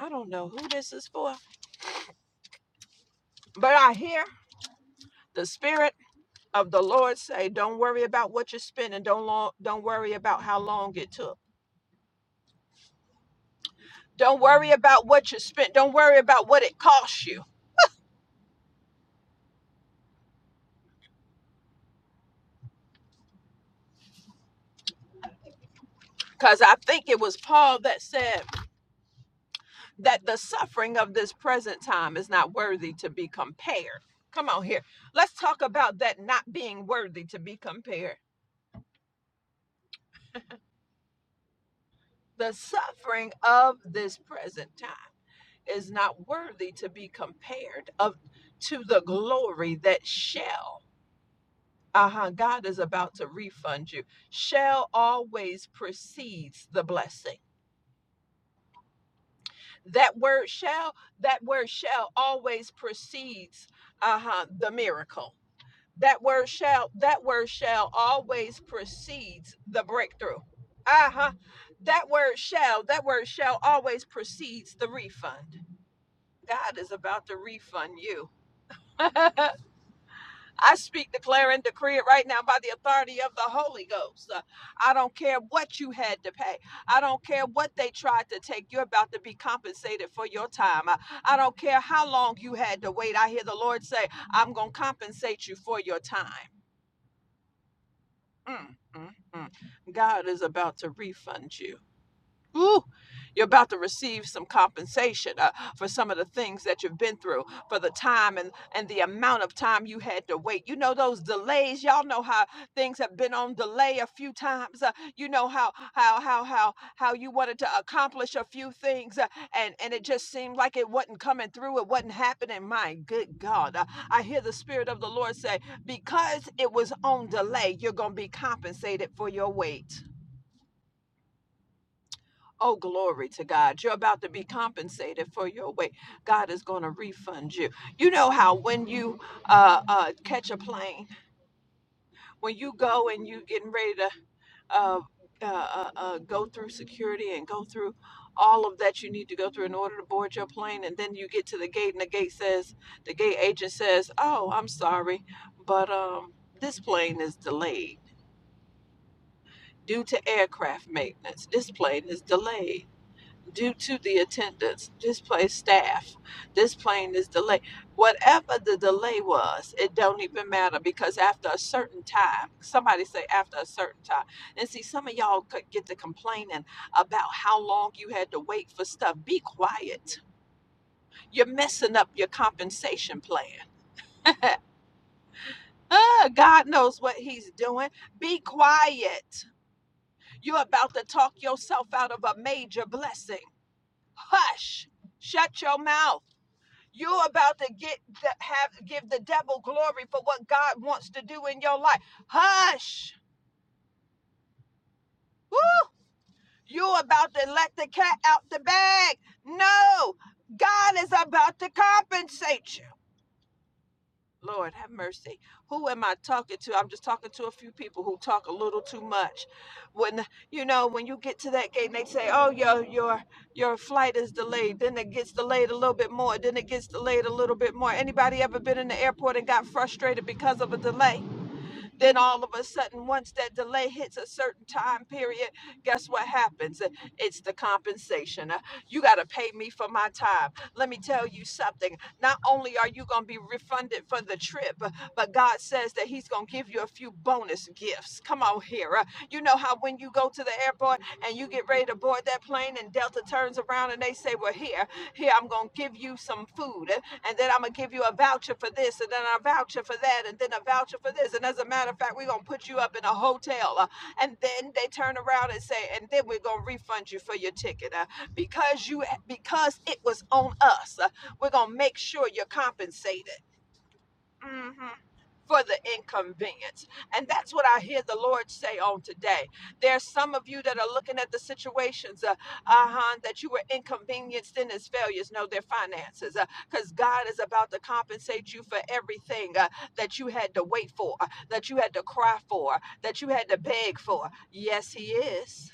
S2: I don't know who this is for, but I hear the Spirit of the Lord say, don't worry about what you're spending. Don't long, don't worry about how long it took. Don't worry about what you spent. Don't worry about what it cost you. Because I think it was Paul that said that the suffering of this present time is not worthy to be compared. Come on here. Let's talk about that not being worthy to be compared. The suffering of this present time is not worthy to be compared of to the glory that shall uh-huh god is about to refund you shall always precedes the blessing that word shall that word shall always precedes uh-huh the miracle that word shall that word shall always precedes the breakthrough uh-huh that word shall that word shall always precedes the refund god is about to refund you <laughs> I speak, declare, and decree it right now by the authority of the Holy Ghost. Uh, I don't care what you had to pay. I don't care what they tried to take. You're about to be compensated for your time. Uh, I don't care how long you had to wait. I hear the Lord say, I'm going to compensate you for your time. Mm, mm, mm. God is about to refund you. Ooh, you're about to receive some compensation uh, for some of the things that you've been through, for the time and, and the amount of time you had to wait. You know, those delays, y'all know how things have been on delay a few times. Uh, you know how, how, how, how, how you wanted to accomplish a few things uh, and, and it just seemed like it wasn't coming through. It wasn't happening. My good God. Uh, I hear the Spirit of the Lord say, because it was on delay, you're going to be compensated for your wait. Oh, glory to God. You're about to be compensated for your wait. God is going to refund you. You know how when you uh, uh, catch a plane, when you go and you getting ready to uh, uh, uh, uh, go through security and go through all of that you need to go through in order to board your plane, and then you get to the gate and the gate says, the gate agent says, oh, I'm sorry, but um, this plane is delayed due to aircraft maintenance. This plane is delayed due to the attendance, displaced staff, this plane is delayed. Whatever the delay was, it don't even matter because after a certain time, somebody say after a certain time. And see, some of y'all could get to complaining about how long you had to wait for stuff. Be quiet. You're messing up your compensation plan. <laughs> Ah, God knows what he's doing. Be quiet. You're about to talk yourself out of a major blessing. Hush. Shut your mouth. You're about to get the, have give the devil glory for what God wants to do in your life. Hush. Woo! You're about to let the cat out the bag. No, God is about to compensate you. Lord have mercy. Who am I talking to? I'm just talking to a few people who talk a little too much. When you know, when you get to that gate and they say, "Oh, your your your flight is delayed," then it gets delayed a little bit more. Then it gets delayed a little bit more. Anybody ever been in the airport and got frustrated because of a delay? Then all of a sudden, once that delay hits a certain time period, guess what happens? It's the compensation. Uh, You got to pay me for my time. Let me tell you something. Not only are you going to be refunded for the trip, uh, but God says that He's going to give you a few bonus gifts. Come on here. Uh, You know how when you go to the airport and you get ready to board that plane, and Delta turns around and they say, Well, here, here, I'm going to give you some food, uh, and then I'm going to give you a voucher for this, and then a voucher for that, and then a voucher for this. And as a matter of fact, we're going to put you up in a hotel and then they turn around and say, and then we're gonna refund you for your ticket uh, because you because it was on us. uh, we're gonna make sure you're compensated. Mm-hmm for the inconvenience. And that's what I hear the Lord say on today. There's some of you that are looking at the situations, uh, uh-huh, that you were inconvenienced in as failures. No, their finances, because uh, God is about to compensate you for everything uh, that you had to wait for, uh, that you had to cry for, that you had to beg for. Yes, He is.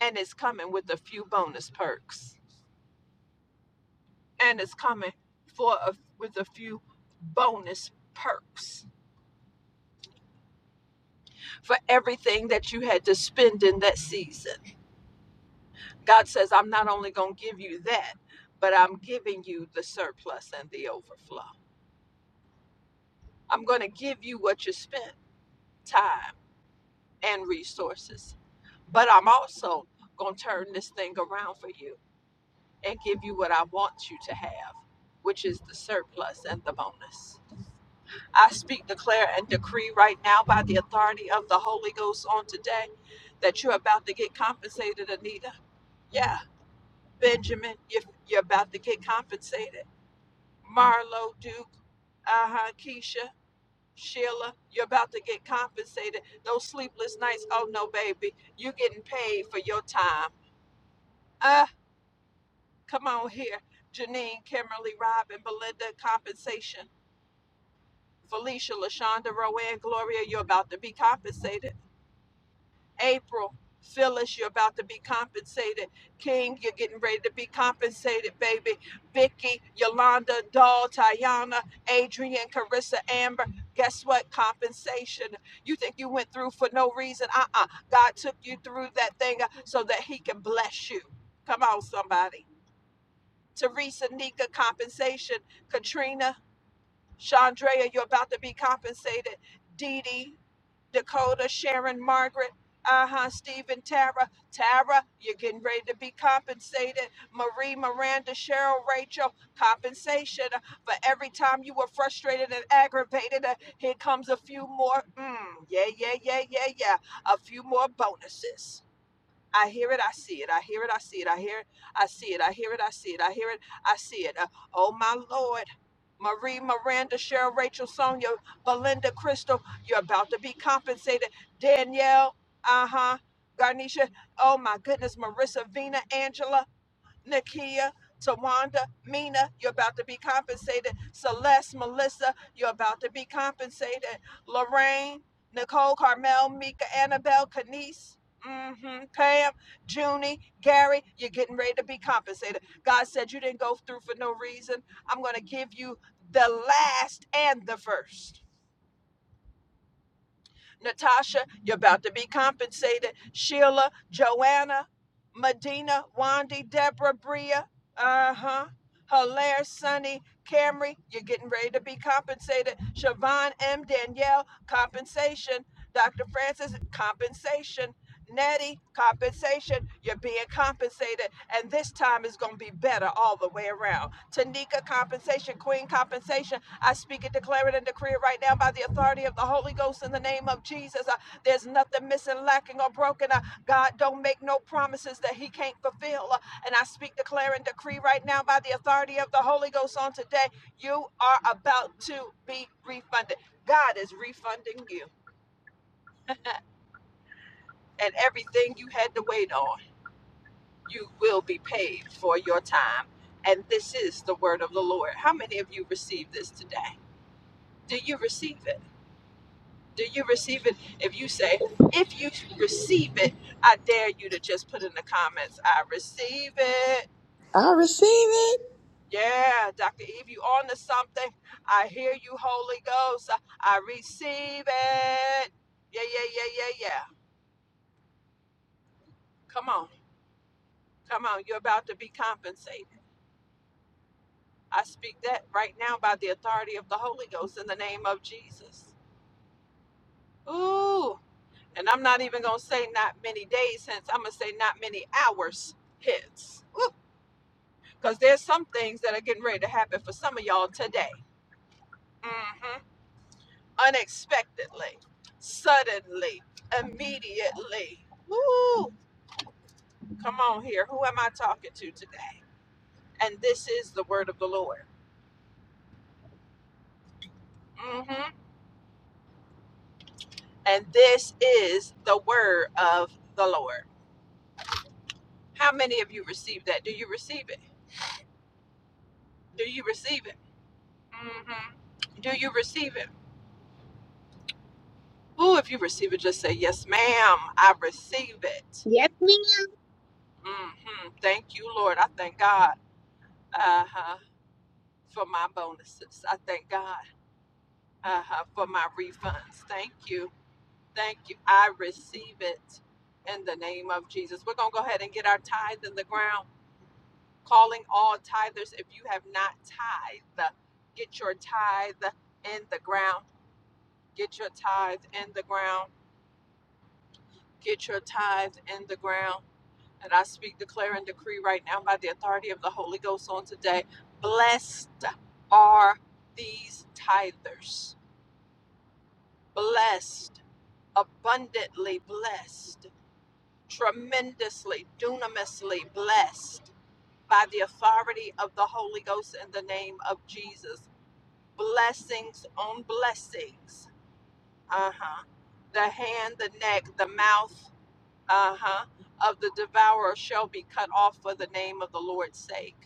S2: And it's coming with a few bonus perks. And it's coming for a, with a few bonus perks for everything that you had to spend in that season. God says, I'm not only going to give you that, but I'm giving you the surplus and the overflow. I'm going to give you what you spent time and resources, but I'm also going to turn this thing around for you and give you what I want you to have, which is the surplus and the bonus. I speak, declare, and decree right now by the authority of the Holy Ghost on today that you're about to get compensated, Anita. Yeah Benjamin, you are you're about to get compensated. Marlo, Duke, uh-huh, Keisha, Sheila, you're about to get compensated. Those sleepless nights, oh no, baby, you are getting paid for your time. Uh, come on here. Janine, Kimberly, Robin, Belinda, compensation. Felicia, LaShonda, Rowan, Gloria, you're about to be compensated. April, Phyllis, you're about to be compensated. King, you're getting ready to be compensated, baby. Vicky, Yolanda, Doll, Tayana, Adrian, Carissa, Amber. Guess what? Compensation. You think you went through for no reason? Uh uh God took you through that thing uh, so that He can bless you. Come on, somebody. Teresa, Nika, compensation. Katrina, Chandrea, you're about to be compensated. Dee Dee, Dakota, Sharon, Margaret, Aha, Stephen, Tara, Tara, you're getting ready to be compensated. Marie, Miranda, Cheryl, Rachel, compensation uh, for every time you were frustrated and aggravated. Uh, here comes a few more. Mm, yeah, yeah, yeah, yeah, yeah. A few more bonuses. I hear it, I see it. I hear it, I see it. I hear it, I see it. I hear it, I see it. I hear it, I see it. Uh, oh, my Lord. Marie, Miranda, Cheryl, Rachel, Sonia, Belinda, Crystal, you're about to be compensated. Danielle, uh huh. Garnisha, oh my goodness. Marissa, Vina, Angela, Nakia, Tawanda, Mina, you're about to be compensated. Celeste, Melissa, you're about to be compensated. Lorraine, Nicole, Carmel, Mika, Annabelle, Kanice, mm hmm Pam, Junie, Gary, you're getting ready to be compensated. God said you didn't go through for no reason. I'm going to give you the last and the first. Natasha, you're about to be compensated. Sheila, Joanna, Medina, Wandy, Deborah, Bria, uh huh. Hilaire, Sunny, Camry, you're getting ready to be compensated. Siobhan M. Danielle, compensation. Dr. Francis, compensation. Nettie, compensation. You're being compensated. And this time is going to be better all the way around. Tanika, compensation. Queen, compensation. I speak it, declare it, and decree it right now by the authority of the Holy Ghost in the name of Jesus. Uh, there's nothing missing, lacking, or broken. Uh, God don't make no promises that He can't fulfill. Uh, and I speak, declare, and decree right now by the authority of the Holy Ghost on today. You are about to be refunded. God is refunding you. And everything you had to wait on, you will be paid for your time. And this is the word of the Lord. How many of you receive this today? Do you receive it? Do you receive it? If you say, if you receive it, I dare you to just put in the comments, I receive it.
S7: I receive
S2: Yeah, Dr. Eve, you on to something. I hear you, Holy Ghost. I receive it. Yeah, yeah, yeah, yeah, yeah. Come on. Come on. You're about to be compensated. I speak that right now by the authority of the Holy Ghost in the name of Jesus. Ooh. And I'm not even going to say not many days hence. I'm going to say not many hours hence. Because there's some things that are getting ready to happen for some of y'all today. hmm Unexpectedly, suddenly, immediately. Woo! Come on here. Who am I talking to today? And this is the word of the Lord. hmm And this is the word of the Lord. How many of you receive that? Do you receive it? Do you receive it? hmm Do you receive it? Ooh, if you receive it, just say, Yes, ma'am, I receive it. hmm Thank you, Lord. I thank God uh-huh, for my bonuses. I thank God uh-huh, for my refunds. Thank you. Thank you. I receive it in the name of Jesus. We're going to go ahead and get our tithe in the ground. Calling all tithers. If you have not tithe, get your tithe in the ground. Get your tithe in the ground. Get your tithe in the ground. And I speak, declare, and decree right now by the authority of the Holy Ghost on today. Blessed are these tithers. Blessed, abundantly blessed, tremendously, dunamously blessed by the authority of the Holy Ghost in the name of Jesus. Blessings on blessings. Uh huh. The hand, the neck, the mouth, uh huh, of the devourer shall be cut off for the name of the Lord's sake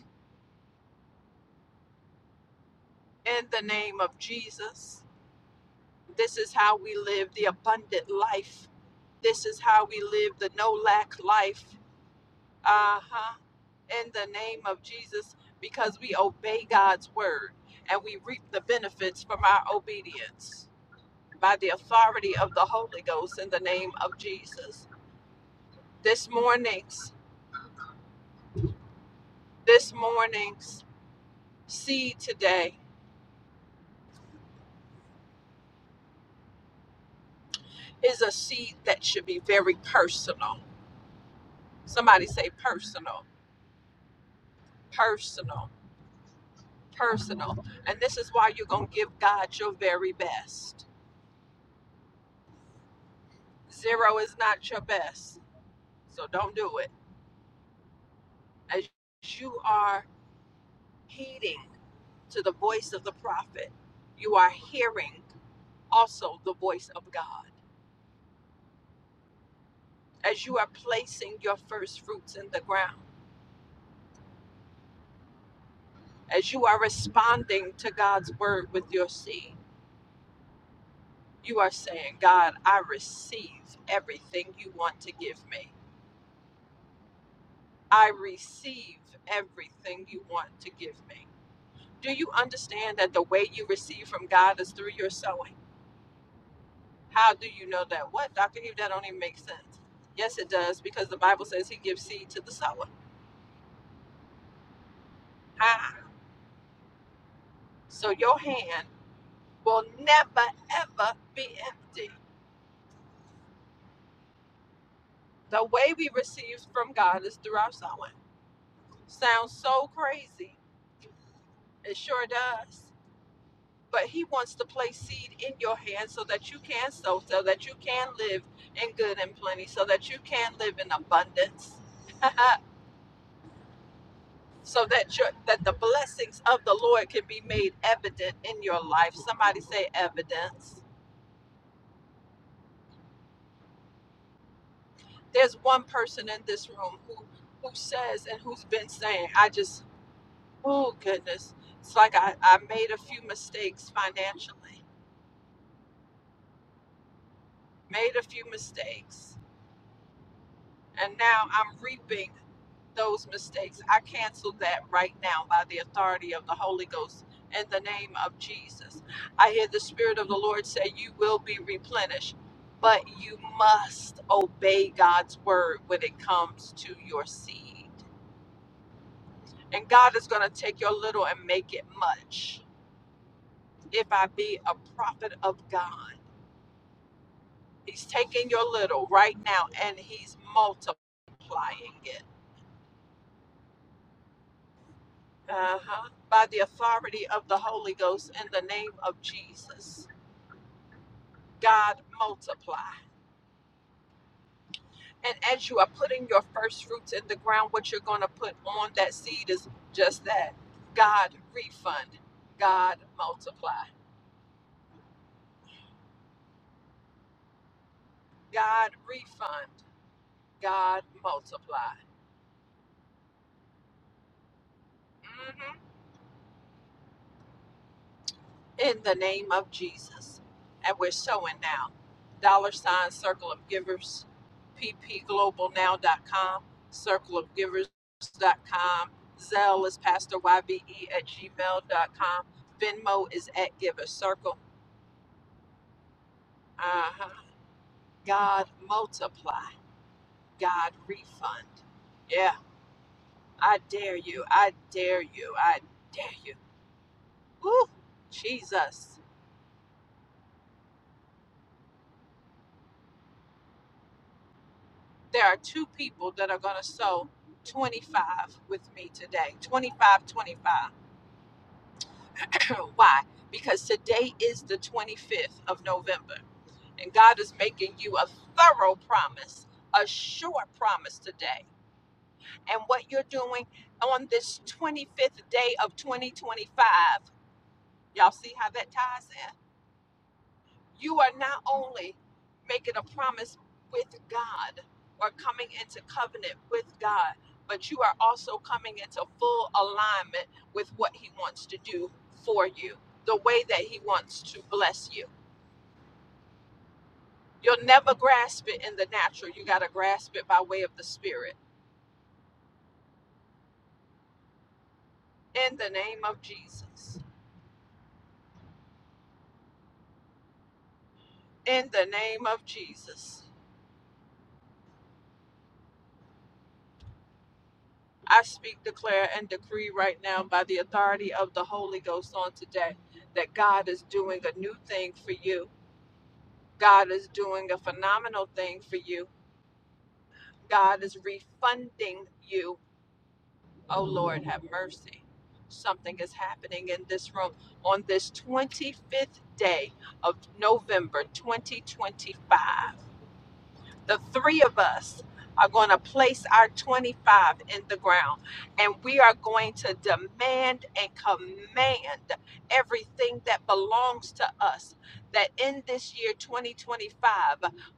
S2: in the name of Jesus. This is how we live the abundant life. This is how we live the no lack life. Uh huh. In the name of Jesus, because we obey God's word and we reap the benefits from our obedience by the authority of the Holy Ghost in the name of Jesus. This morning's, this morning's seed today is a seed that should be very personal. Somebody say personal, personal personal. And this is why you're going to give God your very best. Zero is not your best. So don't do it. As you are heeding to the voice of the prophet, you are hearing also the voice of God. As you are placing your first fruits in the ground, as you are responding to God's word with your seed, you are saying, God, I receive everything you want to give me. I receive everything you want to give me. Do you understand that the way you receive from God is through your sowing? How do you know that? What, Dr. Eve, that don't even make sense. Yes, it does, because the Bible says he gives seed to the sower. Ah, so your hand will never, ever be empty. The way we receive from God is through our sowing. Sounds so crazy. It sure does. But he wants to place seed in your hand so that you can sow, so that you can live in good and plenty, so that you can live in abundance. <laughs> so that your that the blessings of the Lord can be made evident in your life. Somebody say evidence. There's one person in this room who who says and who's been saying, I just oh goodness, it's like I, I made a few mistakes financially, made a few mistakes, and now I'm reaping those mistakes. I cancel that right now by the authority of the Holy Ghost in the name of Jesus. I hear the Spirit of the Lord say, You will be replenished, but you must obey God's word when it comes to your seed. And God is going to take your little and make it much. If I be a prophet of God, He's taking your little right now and He's multiplying it Uh-huh. By the authority of the Holy Ghost in the name of Jesus. God multiply. And as you are putting your first fruits in the ground, what you're going to put on that seed is just that. God refund. God multiply. God refund. God multiply. Mm-hmm. in the name of Jesus. And we're sowing now. Dollar sign Circle of Givers, p p global now dot com, Circle of Givers dot com. Zelle is Pastor YBE at gmail dot com. Venmo is at Giver Circle. Uh-huh. God multiply, God refund. Yeah, I dare you. I dare you. I dare you. Woo, Jesus. there are two people that are going to sow 25 with me today 25, 25. <coughs> <clears throat> why because today is the 25th of november and god is making you a thorough promise a sure promise today and what you're doing on this 25th day of 2025 y'all see how that ties in you are not only making a promise with God or coming into covenant with God, but you are also coming into full alignment with what He wants to do for you, the way that He wants to bless you. You'll never grasp it in the natural. You got to grasp it by way of the Spirit. In the name of Jesus. In the name of Jesus. I speak, declare, and decree right now by the authority of the Holy Ghost on today that God is doing a new thing for you. God is doing a phenomenal thing for you. God is refunding you. Oh Lord, have mercy. Something is happening in this room on this 25th day of November 2025. the three of us are going to place our 25 in the ground and we are going to demand and command everything that belongs to us. That in this year 2025,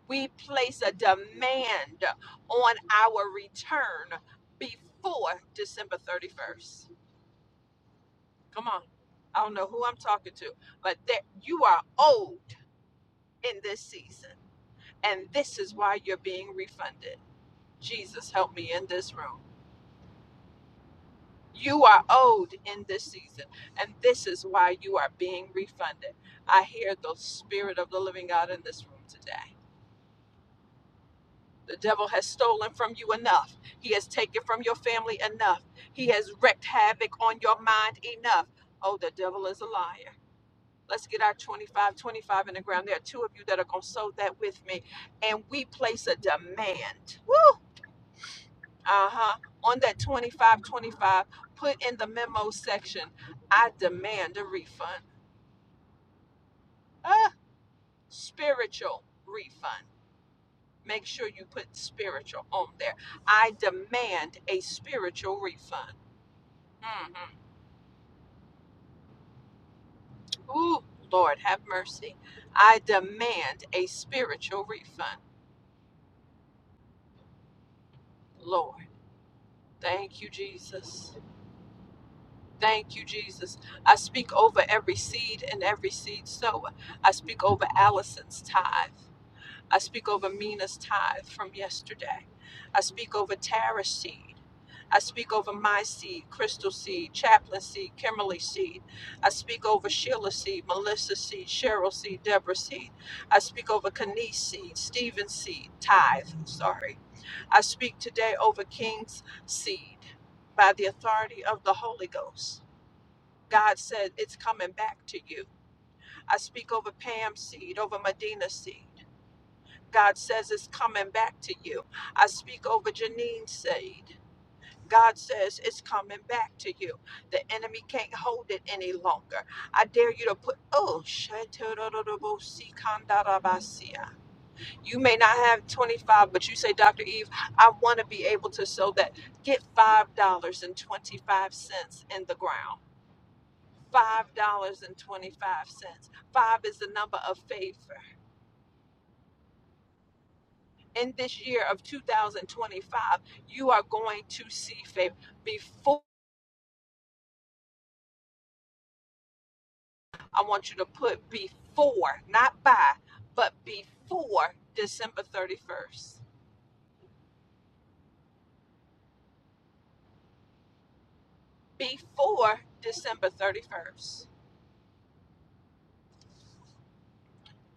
S2: we place a demand on our return before December 31st. Come on. I don't know who I'm talking to, but that you are owed in this season. And this is why you're being refunded. Jesus, help me in this room. You are owed in this season, and this is why you are being refunded. I hear the Spirit of the Living God in this room today. The devil has stolen from you enough. He has taken from your family enough. He has wreaked havoc on your mind enough. Oh, the devil is a liar. Let's get our 25, 25 in the ground. There are two of you that are going to sow that with me. And we place a demand. uh-huh on that 2525 put in the memo section i demand a refund ah spiritual refund make sure you put spiritual on there i demand a spiritual refund hmm ooh lord have mercy i demand a spiritual refund lord thank you jesus Thank you, Jesus. I speak over every seed and every seed sower. I speak over Allison's tithe. I speak over Mina's tithe from yesterday. I speak over Tara's seed. I speak over my seed, Crystal seed, Chaplain seed, Kimberly seed. I speak over Sheila seed, Melissa seed, Cheryl seed, Deborah seed. I speak over Kanice seed, Stephen seed, tithe, sorry. I speak today over King's seed by the authority of the Holy Ghost. God said it's coming back to you. I speak over Pam's seed, over Medina's seed. God says it's coming back to you. I speak over Janine Said. God says it's coming back to you. The enemy can't hold it any longer. I dare you to put, oh, you may not have 25, but you say, Dr. Eve, I want to be able to sow that get $5.25 in the ground. $5.25. Five is the number of favor. in this year of 2025, you are going to see favor. Before, I want you to put before, not by, but before December 31st. Before December 31st.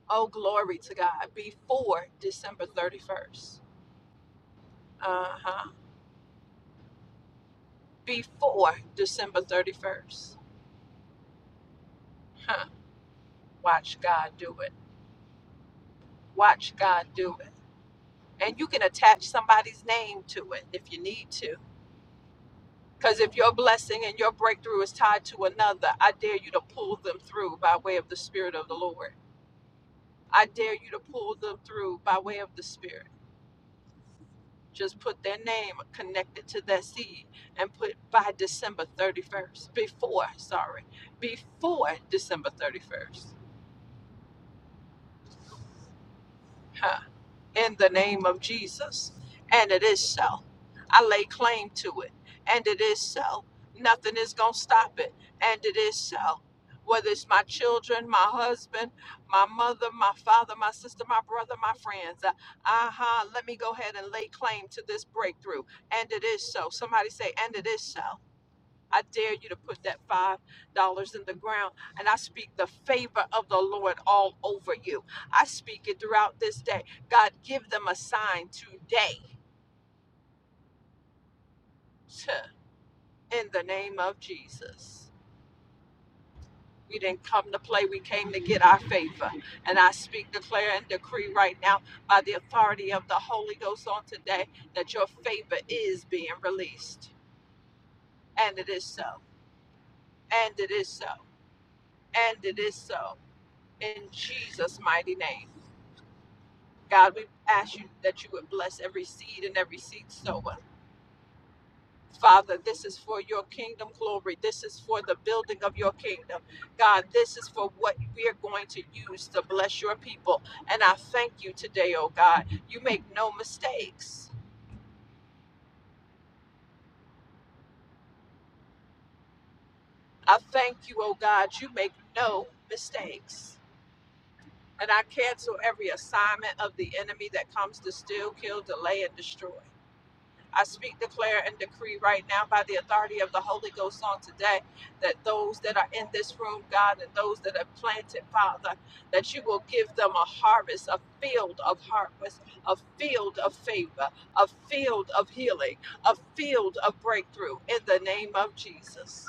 S2: Oh, glory to God. Before December 31st. Uh huh. Before December 31st. Huh. Watch God do it. Watch God do it. And you can attach somebody's name to it if you need to Because if your blessing and your breakthrough is tied to another, I dare you to pull them through by way of the Spirit of the Lord. I dare you to pull them through by way of the Spirit. Just put their name connected to that seed and put by December 31st, before, sorry, before December 31st. in the name of Jesus. And it is so. I lay claim to it. And it is so. Nothing is going to stop it. And it is so. Whether it's my children, my husband, my mother, my father, my sister, my brother, my friends. Uh huh. Let me go ahead and lay claim to this breakthrough. And it is so. Somebody say, and it is so. I dare you to put that five dollars in the ground. And I speak the favor of the Lord all over you. I speak it throughout this day. God, give them a sign today in the name of Jesus. We didn't come to play, we came to get our favor. And I speak, declare, and decree right now by the authority of the Holy Ghost on today that your favor is being released. And it is so. And it is so. And it is so. In Jesus' mighty name. God, we ask you that you would bless every seed and every seed sower. Father, this is for your kingdom glory. This is for the building of your kingdom. God, this is for what we are going to use to bless your people. And I thank you today, oh God. You make no mistakes. I thank you, oh God. You make no mistakes. And I cancel every assignment of the enemy that comes to steal, kill, delay, and destroy. I speak, declare, and decree right now by the authority of the Holy Ghost on today that those that are in this room, God, and those that are planted, Father, that you will give them a harvest, a field of harvest, a field of favor, a field of healing, a field of breakthrough in the name of Jesus.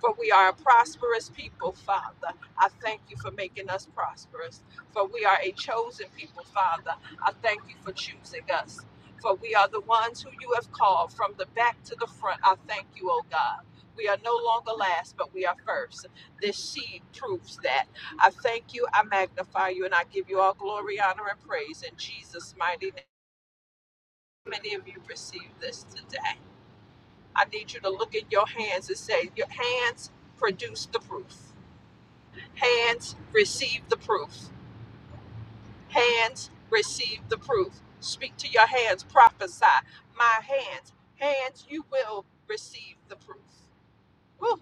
S2: For we are a prosperous people, Father. I thank you for making us prosperous. For we are a chosen people, Father. I thank you for choosing us. For we are the ones who you have called from the back to the front. I thank you, O God. We are no longer last, but we are first. This seed proves that. I thank you, I magnify you, and I give you all glory, honor, and praise in Jesus' mighty name. Many of you received this today. I need you to look at your hands and say, Your hands produce the proof. Hands, receive the proof. Hands, receive the proof. Speak to your hands, prophesy. My hands, hands, you will receive the proof. Woo,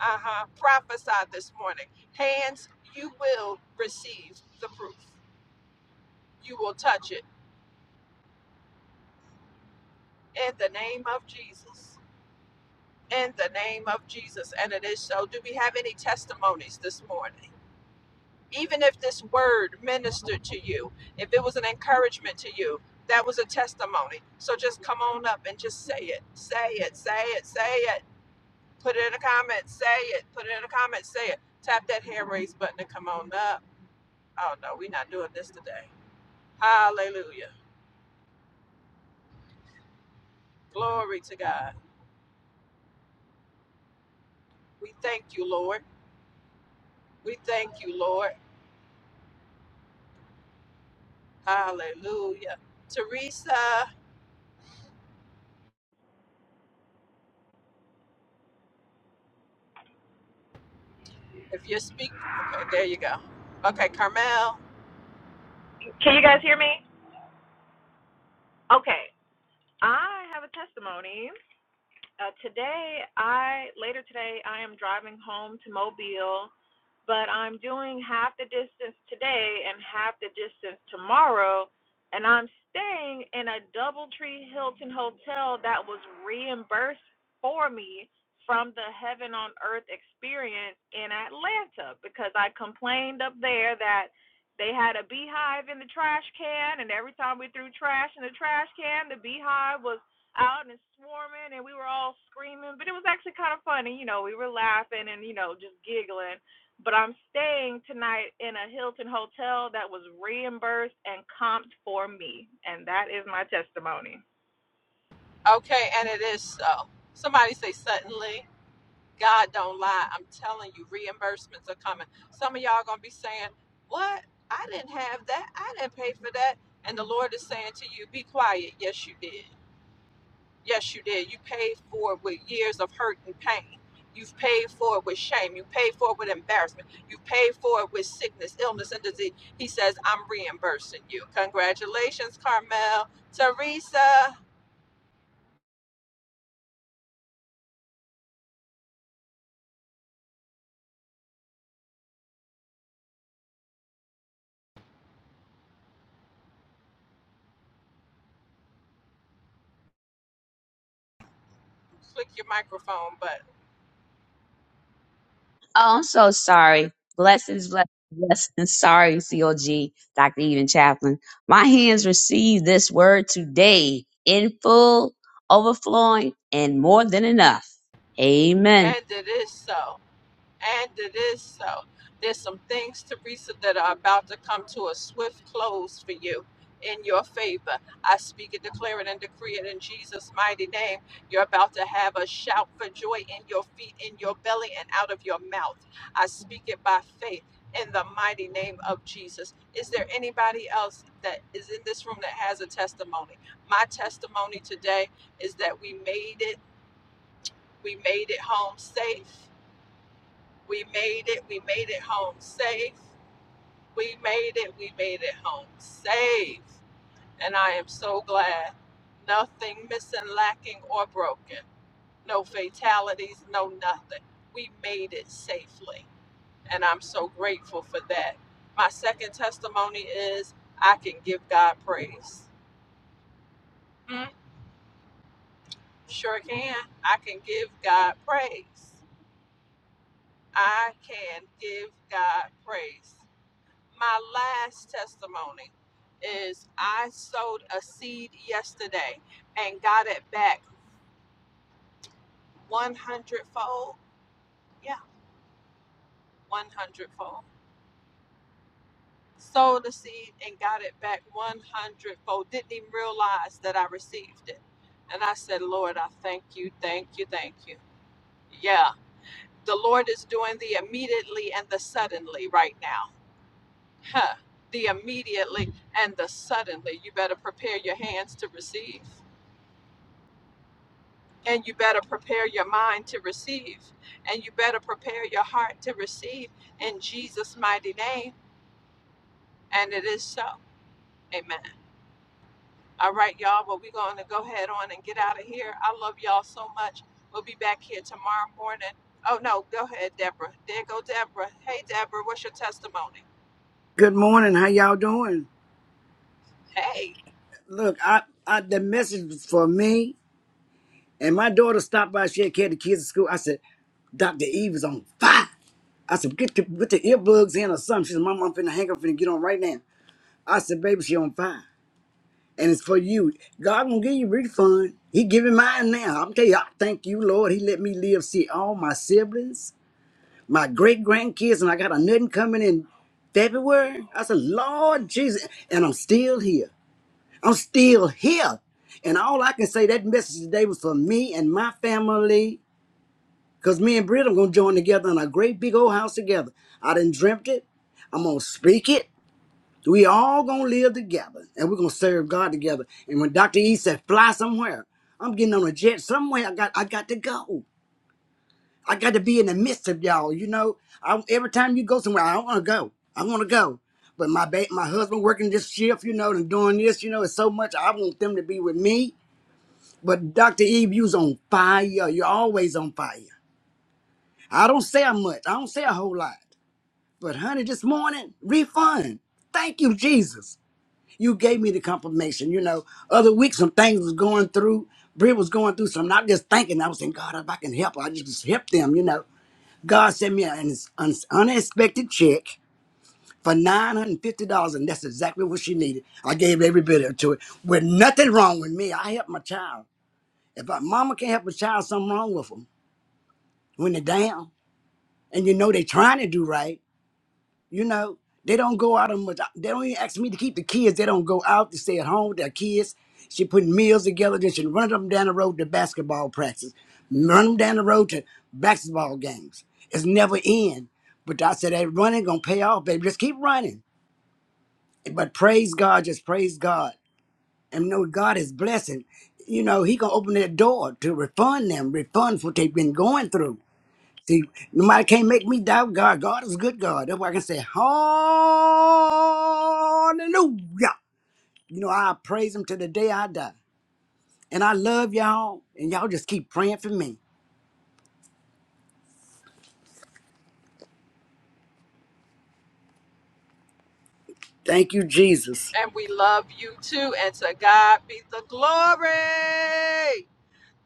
S2: uh-huh. Prophesy this morning. Hands, you will receive the proof. You will touch it in the name of Jesus. In the name of Jesus. And it is so. Do we have any testimonies this morning? even if this word ministered to you, if it was an encouragement to you, that was a testimony. So just come on up and just say it. Say it, say it, say it. Put it in the comments, say it. Put it in the comments, say it. Tap that hand raise button to come on up. Oh no, we're not doing this today. Hallelujah. Glory to God. We thank you, Lord. We thank you, Lord. Hallelujah. Teresa, if you speak, okay, there you go. Okay, Carmel.
S8: Can you guys hear me? Okay. I have a testimony. Uh, today, I later today, I am driving home to Mobile but I'm doing half the distance today and half the distance tomorrow, and I'm staying in a DoubleTree Hilton hotel that was reimbursed for me from the Heaven on Earth experience in Atlanta because I complained up there that they had a beehive in the trash can, and every time we threw trash in the trash can, the beehive was out and swarming and we were all screaming but it was actually kind of funny you know we were laughing and you know just giggling but I'm staying tonight in a Hilton hotel that was reimbursed and comped for me. And that is my testimony.
S2: Okay, and it is so. Somebody say suddenly. God don't lie. I'm telling you, reimbursements are coming. Some of y'all gonna be saying, What? I didn't have that. I didn't pay for that. And the Lord is saying to you, Be quiet. Yes, you did. Yes, you did. You paid for it with years of hurt and pain. You've paid for it with shame. You paid for it with embarrassment. You paid for it with sickness, illness, and disease. He says, I'm reimbursing you. Congratulations, Carmel. Teresa, click your microphone button.
S9: Oh, I'm so sorry. Blessings, blessings, blessings. Sorry, COG, Dr. Eden Chaplin. My hands received this word today in full, overflowing, and more than enough. Amen.
S2: And it is so. And it is so. There's some things, Teresa, that are about to come to a swift close for you in your favor. I speak and declare it and decree it in Jesus' mighty name. You're about to have a shout for joy in your feet, in your belly, and out of your mouth. I speak it by faith in the mighty name of Jesus. Is there anybody else that is in this room that has a testimony? My testimony today is that we made it. We made it home safe we made it. We made it home safe. We made it. We made it home safe. And I am so glad. Nothing missing, lacking, or broken. No fatalities, no nothing. We made it safely. And I'm so grateful for that. My second testimony is I can give God praise. Mm, sure can. I can give God praise. I can give God praise. my last testimony is I sowed a seed yesterday and got it back 100 fold. Yeah, 100 fold. Sowed a seed and got it back 100 fold. Didn't even realize that I received it. And I said, Lord, I thank you, thank you, thank you. Yeah, the Lord is doing the immediately and the suddenly right now. Huh. The immediately and the suddenly. You better prepare your hands to receive. and you better prepare your mind to receive and you better prepare your heart to receive in jesus mighty name and it is so amen all right y'all well we're going to go ahead on and get out of here i love y'all so much we'll be back here tomorrow morning oh no go ahead deborah there go deborah hey deborah what's your testimony
S10: Good morning. How y'all doing?
S2: hey
S10: Look, I, I the message was for me and my daughter stopped by. She had carried the kids to school. I said, Dr. Eve is on fire. I said, get the, put the earbuds in or something. She said, "Mama, I'm finna hang up and get on right now. I said, baby, she on fire. And it's for you. God gonna give you refund. He giving mine now. I'm tell you, I thank you, Lord. He let me live, see all my siblings, my great grandkids, and I got a nothing coming in February. I said, Lord Jesus, and I'm still here. I'm still here. And all I can say, that message today was for me and my family. Because me and Britt are going to join together in a great big old house together. I done dreamt it. I'm going to speak it. We all going to live together. And we're going to serve God together. And when Dr. E said, fly somewhere, I'm getting on a jet somewhere. I got, I got to go. I got to be in the midst of y'all. You know, I, every time you go somewhere, I want to go. I want to go. But my ba- my husband working this shift, you know, and doing this, you know, it's so much. I want them to be with me but Dr. Eve, you's on fire. You're always on fire. I don't say much. I don't say a whole lot. But honey, this morning, refund. Thank you, Jesus. You gave me the confirmation. You know, other week some things was going through. Brit was going through some. Not just thinking. I was saying, God, if I can help, her, I just help them. You know, God sent me an un- unexpected check for nine hundred fifty dollars, and that's exactly what she needed. I gave every bit of it to it. With nothing wrong with me, I helped my child. If a mama can't help a child, something wrong with 'em. when they're down and you know they trying to do right, you know, they don't go out on much. They don't even ask me to keep the kids. They don't go out to stay at home with their kids. She putting meals together. Then she run them down the road to basketball practice, run them down the road to basketball games. It's never end. But I said, that running gonna pay off, baby. Just keep running. But praise God, just praise God, and know God is blessing. You know, He gonna open that door to refund them, refund what they've been going through See, nobody can't make me doubt God. God is a good God. That's why I can say, Hallelujah. You know, I praise Him to the day I die. And I love y'all, and y'all just keep praying for me. Thank you, Jesus.
S2: and we love you too and to god be the glory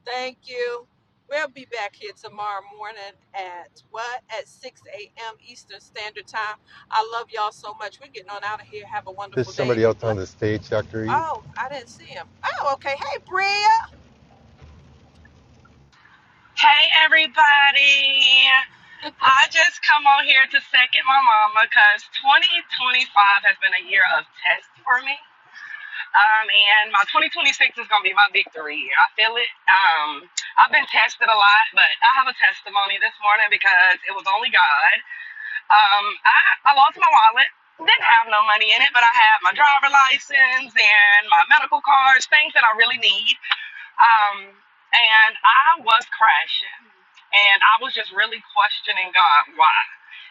S2: Thank you. We'll be back here tomorrow morning at what? At 6 a.m. Eastern Standard Time. I love y'all so much. We're getting on out of here. Have a
S5: There's
S2: wonderful day and
S5: somebody
S2: be
S5: else on
S2: blessed.
S5: the stage, Dr. E.
S2: Oh, I didn't see him. Oh, okay. Hey, Bria.
S11: Hey everybody! I just come on here to second my mama because 2025 has been a year of tests for me. Um, and my 2026 is going to be my victory year. I feel it. Um, I've been tested a lot, but I have a testimony this morning because it was only God. Um, I, I lost my wallet. Didn't have no money in it, but I had my driver license and my medical cards, things that I really need. Um, and I was crashing. And I was just really questioning God, why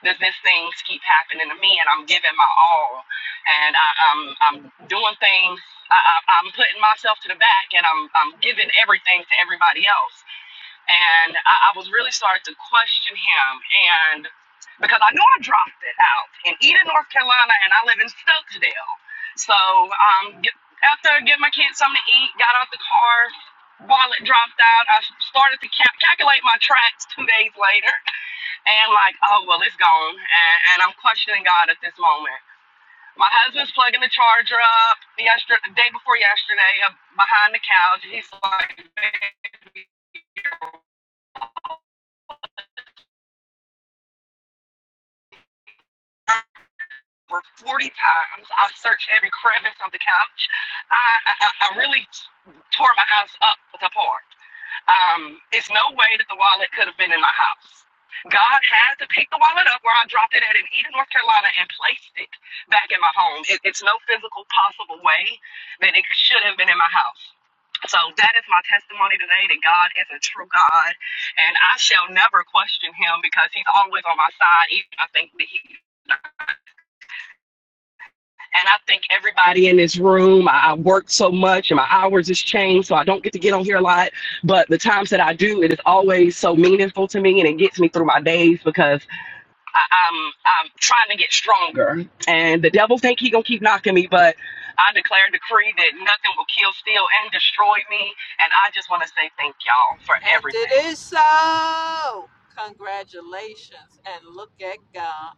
S11: does this things keep happening to me? And I'm giving my all. And I, I'm, I'm doing things, I, I- I'm putting myself to the back and I'm, I'm giving everything to everybody else and I, I was really starting to question him and because I know I dropped it out in Eden, North Carolina, and I live in Stokesdale. So um, get, after I my kids something to eat, got out the car, wallet dropped out. I started to ca- calculate my tracks two days later, and like, oh well, it's gone, and, and I'm questioning God at this moment. My husband's plugging the charger up yesterday, the day before yesterday, uh, behind the couch. He's like, over 40 times. I searched every crevice of the couch. I, I, I really tore my house up apart. Um, it's no way that the wallet could have been in my house. God had to pick the wallet up where I dropped it at in Eden, North Carolina, and placed it back in my home. It, it's no physical possible way that it should have been in my house. So that is my testimony today that God is a true God, and I shall never question Him because He's always on my side. Even I think that He And I think everybody in this room, I work so much and my hours has changed, so I don't get to get on here a lot. But the times that I do, it is always so meaningful to me and it gets me through my days because I, I'm I'm trying to get stronger. And the devil think he gonna keep knocking me, but I declare and decree that nothing will kill, steal, and destroy me. And I just want to say thank y'all for
S2: And
S11: everything.
S2: it is so. Congratulations. And look at God.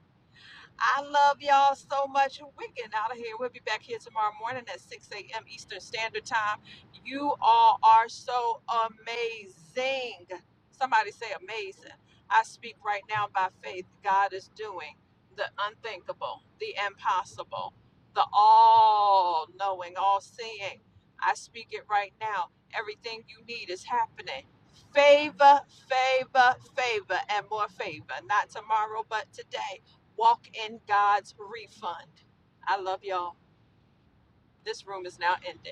S2: I love y'all so much. We're getting out of here. We'll be back here tomorrow morning at 6 a.m. Eastern Standard Time. You all are so amazing. Somebody say amazing. I speak right now by faith. God is doing the unthinkable, the impossible, the all knowing, all seeing. I speak it right now. Everything you need is happening. Favor, favor, favor, and more favor. Not tomorrow, but today Walk in God's refund. I love y'all. This room is now ending.